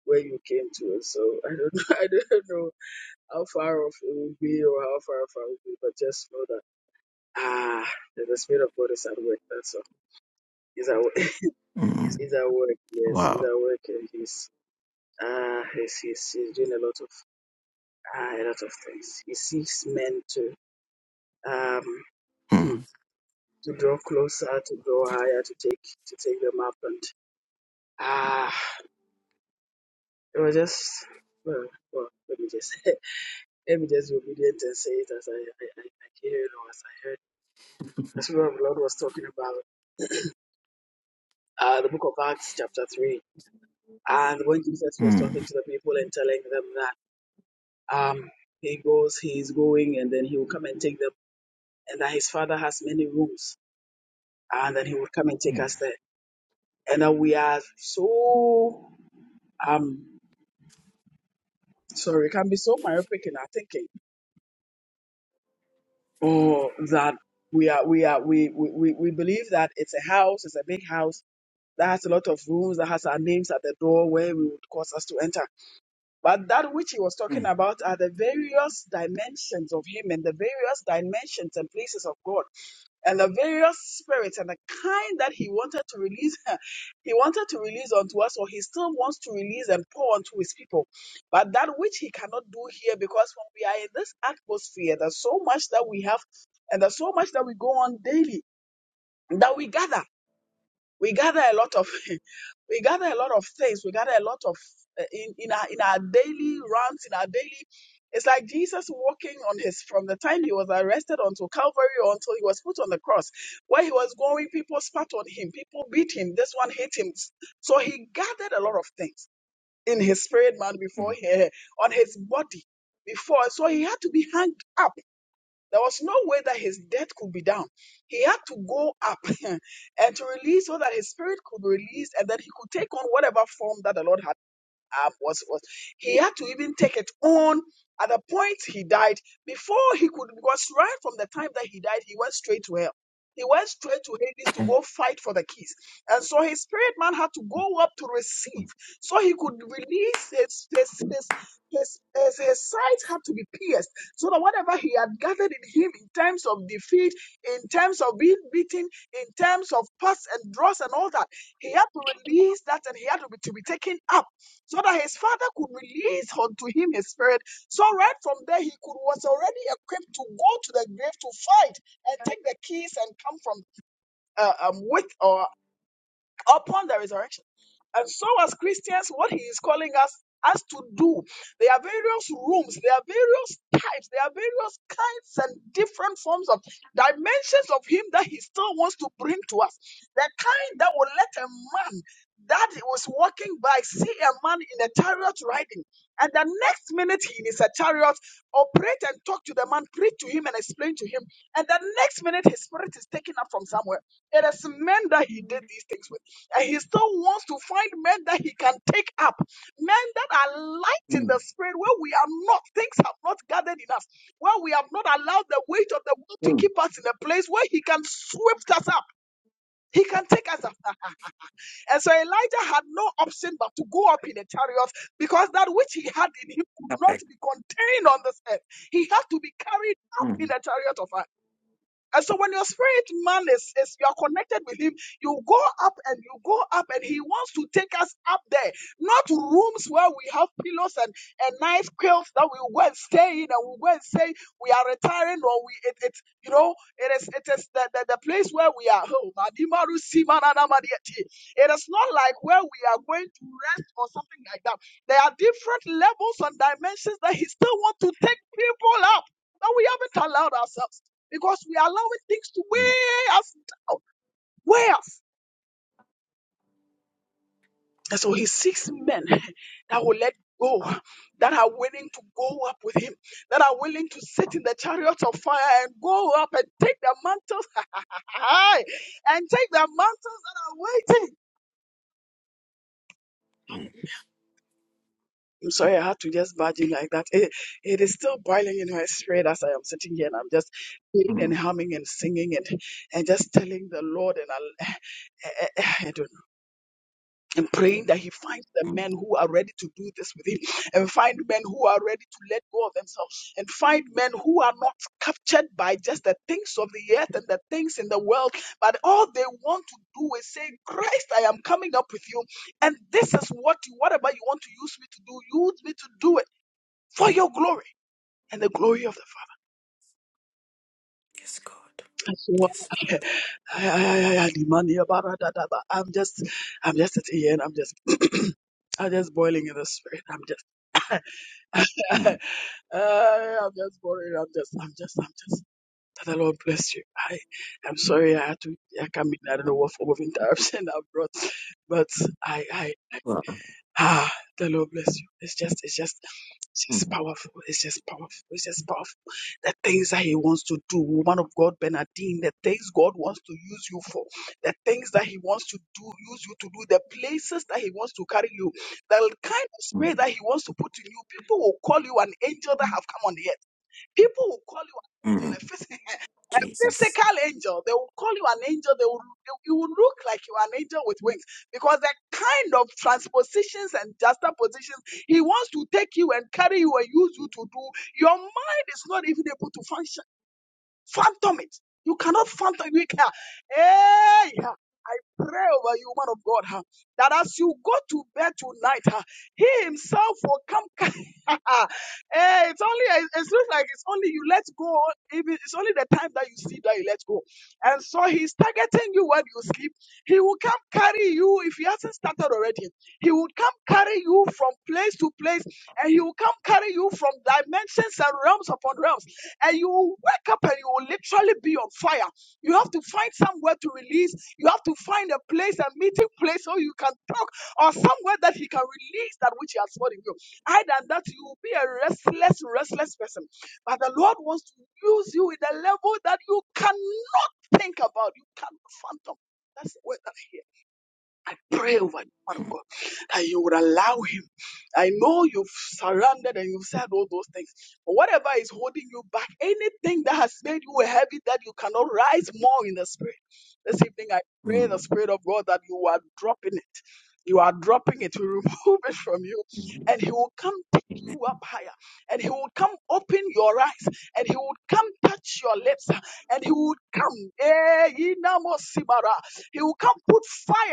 where you came to, so I don't know. (laughs) I don't know how far off it will be or how far off I will be, but just know that ah, that the Spirit of God is at work. That's all. He's at work. (laughs) Mm, He's at work. Yes, he's wow. at work, and he's ah, he's, he's, he's doing a lot of ah, a lot of things. He seeks men to um. hmm, Mm, to draw closer, to go higher, to take to take them up, and ah, it was just well, well let me just (laughs) let me just be obedient and say it as I I, I, I hear it or as I heard. The Spirit of the Lord was talking about uh, the Book of Acts, chapter three, and when Jesus was talking mm, to the people and telling them that um he goes, he is going, and then he will come and take them, and that his Father has many rooms, and then he will come and take mm, us there, and that we are so um. sorry, it can be so myopic in our thinking, or that we are we are we we, we we believe that it's a house, it's a big house that has a lot of rooms, that has our names at the door where we would cause us to enter. But that which he was talking mm, about are the various dimensions of him and the various dimensions and places of God and the various spirits and the kind that he wanted to release, (laughs) he wanted to release unto us, or he still wants to release and pour unto his people. But that which he cannot do here, because when we are in this atmosphere, there's so much that we have, and there's so much that we go on daily, that we gather we gather a lot of (laughs) we gather a lot of things we gather a lot of uh, in in our in our daily runs in our daily it's like jesus walking on his from the time he was arrested until calvary or until he was put on the cross where he was going people spat on him people beat him this one hit him so he gathered a lot of things in his spirit man before he on his body before so he had to be hung up there was no way that his death could be down. He had to go up (laughs) and to release so that his spirit could be released and that he could take on whatever form that the Lord had up, was was he had to even take it on at the point he died before he could because right from the time that he died he went straight to hell he went straight to Hades to go fight for the keys. And so his spirit man had to go up to receive. So he could release his his his his, his, his sides had to be pierced. So that whatever he had gathered in him in terms of defeat, in terms of being beaten, in terms of pus and dross and all that, he had to release that and he had to be, to be taken up so that his father could release unto him his spirit. So right from there, he could was already equipped to go to the grave to fight and take the keys and come from uh, um, with or upon the resurrection. And so, as Christians, what he is calling us us to do, there are various rooms, there are various types, there are various kinds and different forms of dimensions of him that he still wants to bring to us. The kind that will let a man that was walking by see a man in a chariot riding, and the next minute he is a chariot, operate and talk to the man, preach to him and explain to him, and the next minute his spirit is taken up from somewhere. It is men that he did these things with. And he still wants to find men that he can take up, men that are light in mm, the spirit, where we are not, things have not gathered in us, where we have not allowed the weight of the world to mm. keep us in a place where he can swift us up. He can take us up. (laughs) and so Elijah had no option but to go up in a chariot because that which he had in him could All not right. be contained on this earth. He had to be carried up in Mm, a chariot of fire. And so when your spirit man is, is you are connected with him, you go up and you go up, and he wants to take us up there, not rooms where we have pillows and, and nice quilts that we go and stay in, and we go and say we are retiring, or we it, it you know it is it is the, the, the place where we are. Oh, Madimaru Simanana Madiati. it is not like where we are going to rest or something like that. There are different levels and dimensions that he still wants to take people up that we haven't allowed ourselves because we are allowing things to weigh us down, weigh us. And so he seeks men (laughs) that will let go, that are willing to go up with him, that are willing to sit in the chariots of fire and go up and take their mantles (laughs) and take their mantles that are waiting. mm, I'm sorry, I had to just barge in like that. It, it is still boiling in my spirit as I am sitting here and I'm just praying and mm. humming and singing and, and just telling the Lord and I, I, I, I don't. and praying that he finds the men who are ready to do this with him and find men who are ready to let go of themselves and find men who are not captured by just the things of the earth and the things in the world but all they want to do is say christ i am coming up with you and this is what you whatever you want to use me to do use me to do it for your glory and the glory of the father Yes, God. That's what Yes, Father. I- I- I- I- I demand here, ba- ba- da- da- ba. i'm just i'm just sitting here and i'm just (clears throat) i'm just boiling in the spirit I'm just. Mm, (laughs) Uh, I'm just boring. I'm just, I'm just, I'm just. Father Lord bless you. I, I'm sorry I had to, I come in. I don't know what form of interruption (laughs) I brought, but I, I, wow. Ah, the Lord bless you. It's just, it's just, it's just Mm, powerful. It's just powerful. It's just powerful. The things that He wants to do, woman of God, Bernadine, the things God wants to use you for, the things that He wants to do, use you to do, the places that He wants to carry you, the kind of spirit mm, that He wants to put in you. People will call you an angel that have come on the earth. People will call you an angel, a mm. physical a Jesus. physical angel. They will call you an angel. They will, you will look like you are an angel with wings because the kind of transpositions and juxtapositions he wants to take you and carry you and use you to do, your mind is not even able to function. Phantom it. You cannot phantom it. You can. Hey, yeah. I pray over you, man of God, huh, that as you go to bed tonight, huh, he himself will come. (laughs) hey, it's only, it's looks like it's only you let go. It's only the time that you sleep that you let go. And so he's targeting you when you sleep. He will come carry you, if he hasn't started already, he will come carry you from place to place and he will come carry you from dimensions and realms upon realms and you will wake up and you will literally be on fire. You have to find somewhere to release. You have to find a place, a meeting place, so you can talk, or somewhere that he can release that which he has stored in you. Other than that, you will be a restless, restless person. But the Lord wants to use you in a level that you cannot think about, you cannot fathom. That's the word that I hear. I pray over you, man of God, that you would allow him. I know you've surrendered and you've said all those things. But whatever is holding you back, anything that has made you heavy that you cannot rise more in the spirit. This evening, I pray the mm, spirit of God that you are dropping it. You are dropping it. We remove it from you, mm, and He will come pick you up higher, and He will come open your eyes, and He will come touch your lips, and He will come. Eh, He will come put fire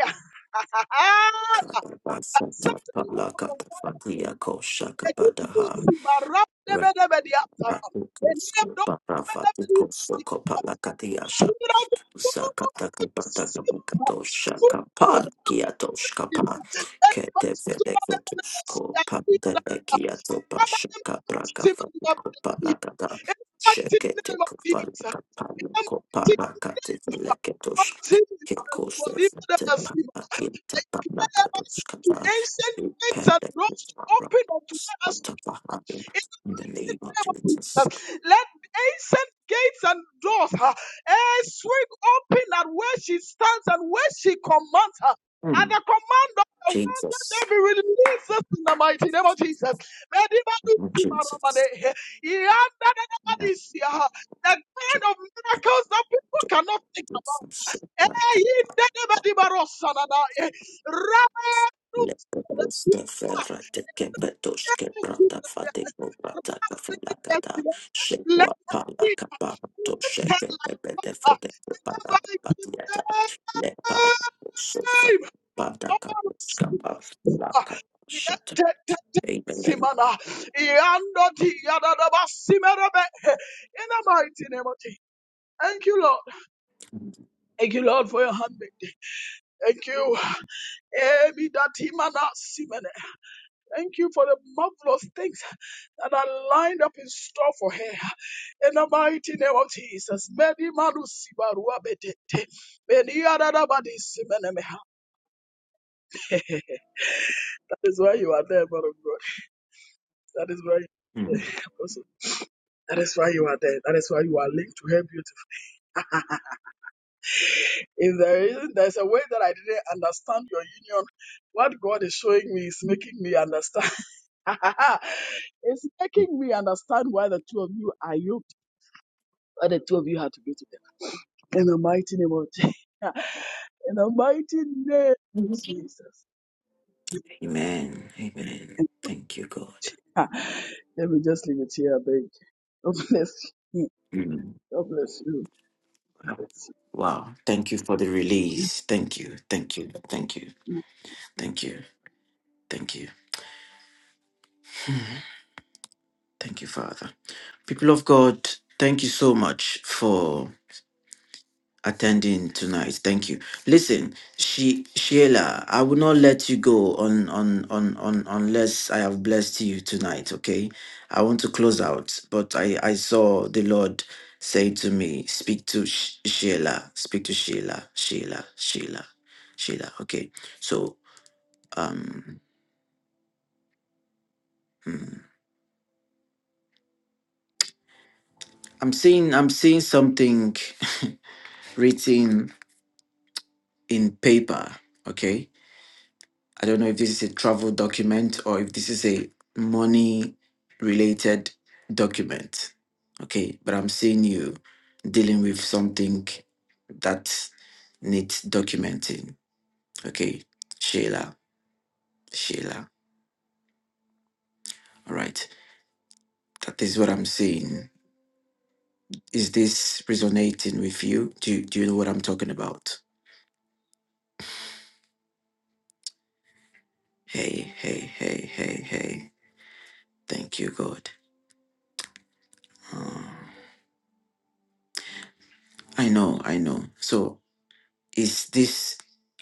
Ah, acceptable level of fire. And you will see my rap, never, Rakatikoskopalakatiasha never, the outside. And you have no never, never, the outside. So you know, you don't know what to say. So you don't Sakatakapatakapakatoshakapalkiatoshkapa. know. And much to my level, I need that. people. I'm a simple love. that people. Keteveleketuskopandelekiatopashakabrakafatukopalakata. In the mighty name of Jesus. mighty name Sheketekopalakapalukopalakateveleketosh. of Jesus, Kolibadabasi. I declare myself to Kekosefetepalakintapanakatoshkata. ancient gates and doors to open unto us in the mighty Ipelekutarakuskotapahain. In the name of name Jesus. of Jesus, let ancient gates and doors uh, eh, swing open at where she stands and where she commands her. And Mm, the command of the one, let Jesus. there be releases in the mighty name of Jesus. May the man who is Mm, in our company, Jesus. eh, he had that other Mm, man here. The kind of Jesus. miracles that people cannot Amen. think about. Eh, in the name of the Barossa, eh, Rabbi, let her be protected like water. In the mighty name of Simana, Yando di Yadadaba Simerebe. in the mighty name of Jesus. Thank you, Lord. Thank you, Lord, for your handmaid. Thank you. Emi Datimana simene. Thank you for the marvelous things that are lined up in store for her. In the mighty name of Jesus. Many manusi betete. Many arara badisi That is why you are there, man of God. That is why Mm. Apostle. (laughs) That is why you are there. That is why you are linked to her beauty. (laughs) if there isn't, there's a way that I didn't understand your union. What God is showing me is making me understand. (laughs) it's making me understand why the two of you are yoked. Why the two of you are to be together. In the mighty name of (laughs) Jesus. In the mighty name of Jesus. Amen. Amen. Thank you, God. (laughs) Let me just leave it here, I beg. God bless you. Mm. God bless Wow. Thank you for the release. Thank you. Thank you. Thank you. you. Thank you. Thank you. Thank you, Father. People of God, thank you so much for attending tonight. Thank you. Listen, she Sheila, I will not let you go on on on on unless I have blessed you tonight, okay? I want to close out, but I I saw the Lord say to me, speak to Sh- Sheila, speak to Sheila, Sheila, Sheila, Sheila. Okay. So, um mm, I'm seeing I'm seeing something (laughs) written in paper. Okay. I don't know if this is a travel document or if this is a money related document. Okay. But I'm seeing you dealing with something that needs documenting. Okay. Sheila, Sheila. All right. That is what I'm seeing. Is this resonating with you? Do, you- do you know what I'm talking about? Hey, hey, hey, hey, hey. Thank you, God. Uh, I know, I know. So Is this,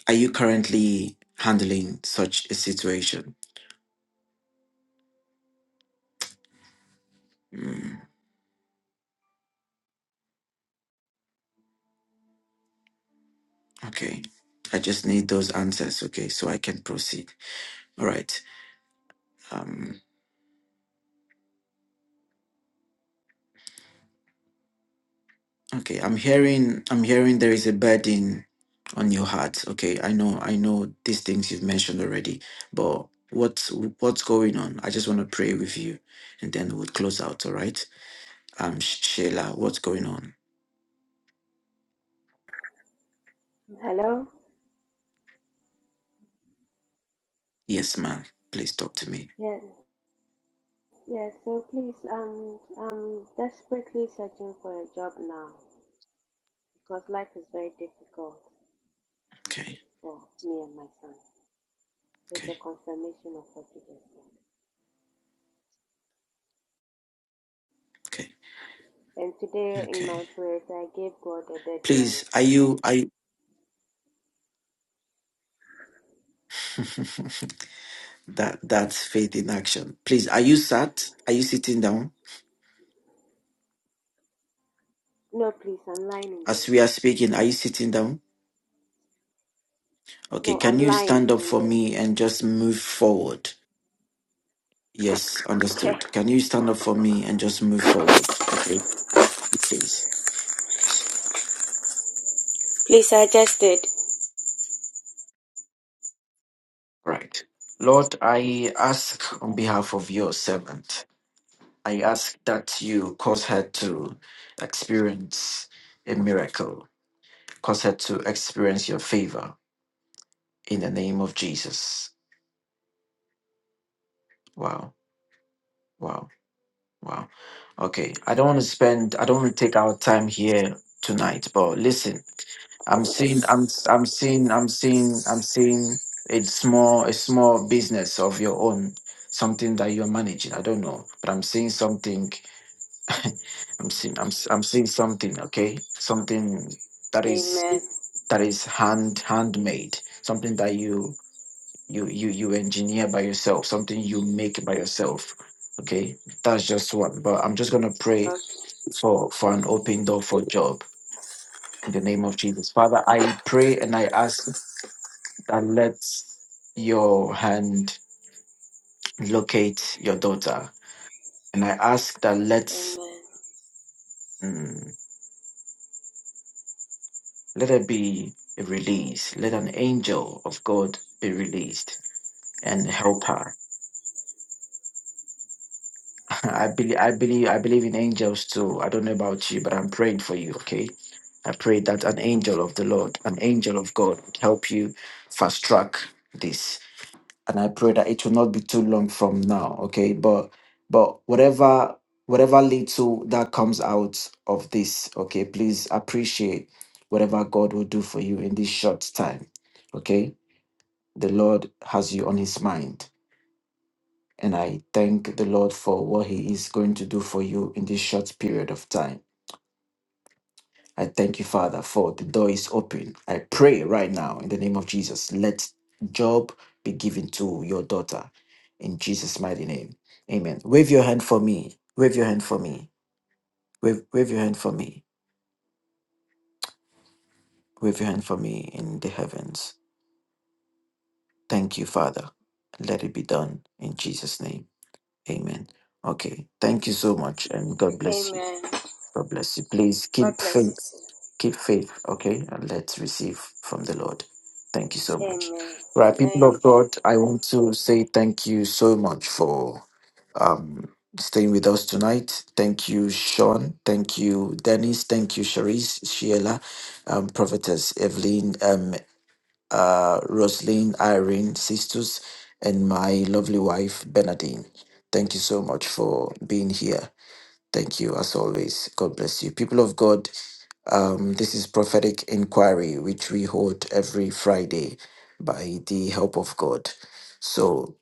are you currently handling such a situation? Mm, okay. I just need those answers, okay, so I can proceed. All right. Um, okay, I'm hearing, I'm hearing there is a burden on your heart. Okay, I know, I know these things you've mentioned already, but what's what's going on? I just want to pray with you, and then we'll close out. All right. Um, Sh- Sheila, what's going on? Hello? Yes, ma'am. Please talk to me. Yes, yes. So please, um, I'm desperately searching for a job now because life is very difficult Okay, for me and my son. It's okay, a confirmation of what you just said. okay, And today in okay. my prayers, I gave God a deadline. Please, are you are you, (laughs) that that's faith in action. Please, are you sat? Are you sitting down? No, please, I'm lying in As bed. we are speaking, are you sitting down? Okay, No, can I'm you lying stand up in for bed. me and just move forward? Yes, Okay. understood. Can you stand up for me and just move forward? Okay, please. Please, I just did. Right. Lord, I ask on behalf of your servant, I ask that you cause her to experience a miracle, cause her to experience your favor in the name of Jesus. Wow, wow, wow. Okay, I don't want to spend, I don't want to take our time here tonight, but listen, I'm seeing, I'm, I'm seeing, I'm seeing, I'm seeing a small, a small business of your own, something that you're managing. I don't know, but I'm seeing something. (laughs) I'm seeing, I'm, s- I'm seeing something. Okay, something that is Amen. that is hand handmade. Something that you you you you engineer by yourself something you make by yourself okay that's just one. but i'm just gonna pray Okay. for for an open door for job in the name of jesus father i pray and i ask that let your hand locate your daughter and i ask that let Amen. mm, let there be a release let an angel of god be released and help her I believe I believe I believe in angels too. I don't know about you, but I'm praying for you, okay? I pray that an angel of the Lord, an angel of God would help you fast track this. And I pray that it will not be too long from now, okay? But but whatever whatever little that comes out of this, okay, please appreciate whatever God will do for you in this short time. Okay? The Lord has you on his mind and I thank the Lord for what He is going to do for you in this short period of time. I thank you, Father, for the door is open. I pray right now in the name of Jesus, let job be given to your daughter in Jesus' mighty name. Amen. Wave your hand for me. Wave your hand for me. Wave, wave your hand for me. Wave your hand for me in the heavens. Thank you, Father. Let it be done in Jesus' name. Amen. Okay. Thank you so much and God bless you. Amen. God bless you. Please God keep bless you faith. too. Keep faith, okay? And let's receive from the Lord. Thank you so much. Amen. Right, people Thank of you. God, I want to say thank you so much for um, staying with us tonight. Thank you, Sean. Thank you, Dennis. Thank you, Sharice, Sheila, um, Prophetess Evelyn, um, uh, Rosalind, Irene, Sisters, and my lovely wife, Bernadine. Thank you so much for being here. Thank you, as always. God bless you. People of God, um, this is Prophetic Inquiry, which we hold every Friday by the help of God. So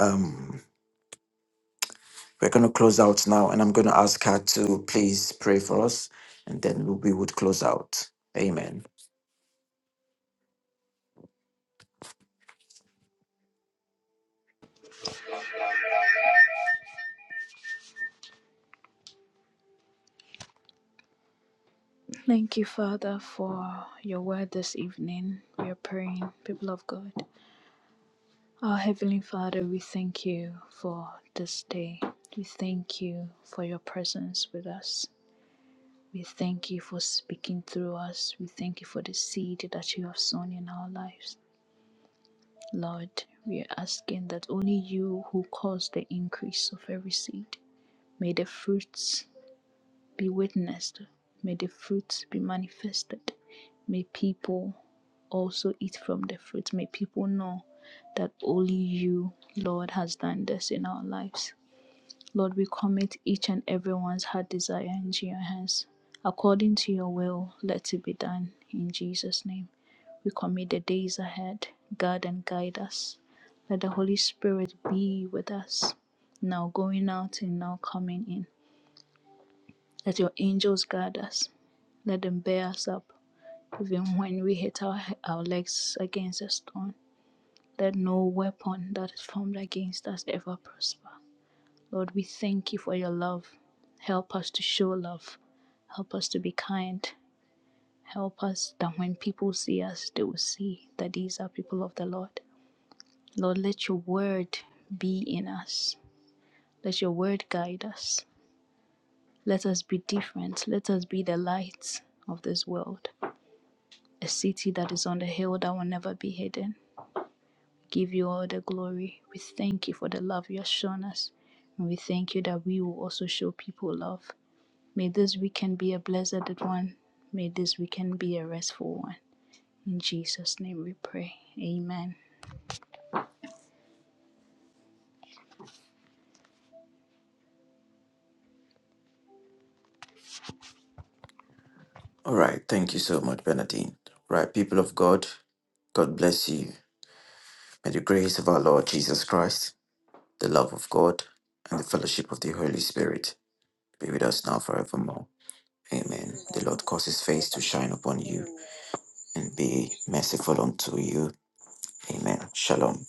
um, we're going to close out now, and I'm going to ask her to please pray for us, and then we would close out. Amen. Thank you, Father, for your word this evening. We are praying, people of God. Our Heavenly Father, we thank you for this day. We thank you for your presence with us. We thank you for speaking through us. We thank you for the seed that you have sown in our lives. Lord, we are asking that only you who cause the increase of every seed, may the fruits be witnessed. May the fruit be manifested. May people also eat from the fruit. May people know that only you, Lord, has done this in our lives. Lord, we commit each and everyone's heart desire into your hands. According to your will, let it be done in Jesus' name. We commit the days ahead. Guard and guide us. Let the Holy Spirit be with us, now going out and now coming in. Let your angels guard us. Let them bear us up, even when we hit our, our legs against a stone. Let no weapon that is formed against us ever prosper. Lord, we thank you for your love. Help us to show love. Help us to be kind. Help us that when people see us, they will see that these are people of the Lord. Lord, let your word be in us. Let your word guide us. Let us be different. Let us be the light of this world. a city that is on the hill that will never be hidden. Give you all the glory. We thank you for the love you have shown us. And we thank you that we will also show people love. May this weekend be a blessed one. May this weekend be a restful one. In Jesus' name we pray. Amen. All right. Thank you so much, Benadine. Right, people of God, God bless you. May the grace of our Lord Jesus Christ, the love of God, and the fellowship of the Holy Spirit be with us now forevermore. Amen. The Lord cause his face to Investment. shine upon you Amen. and be merciful unto you. Amen. Shalom.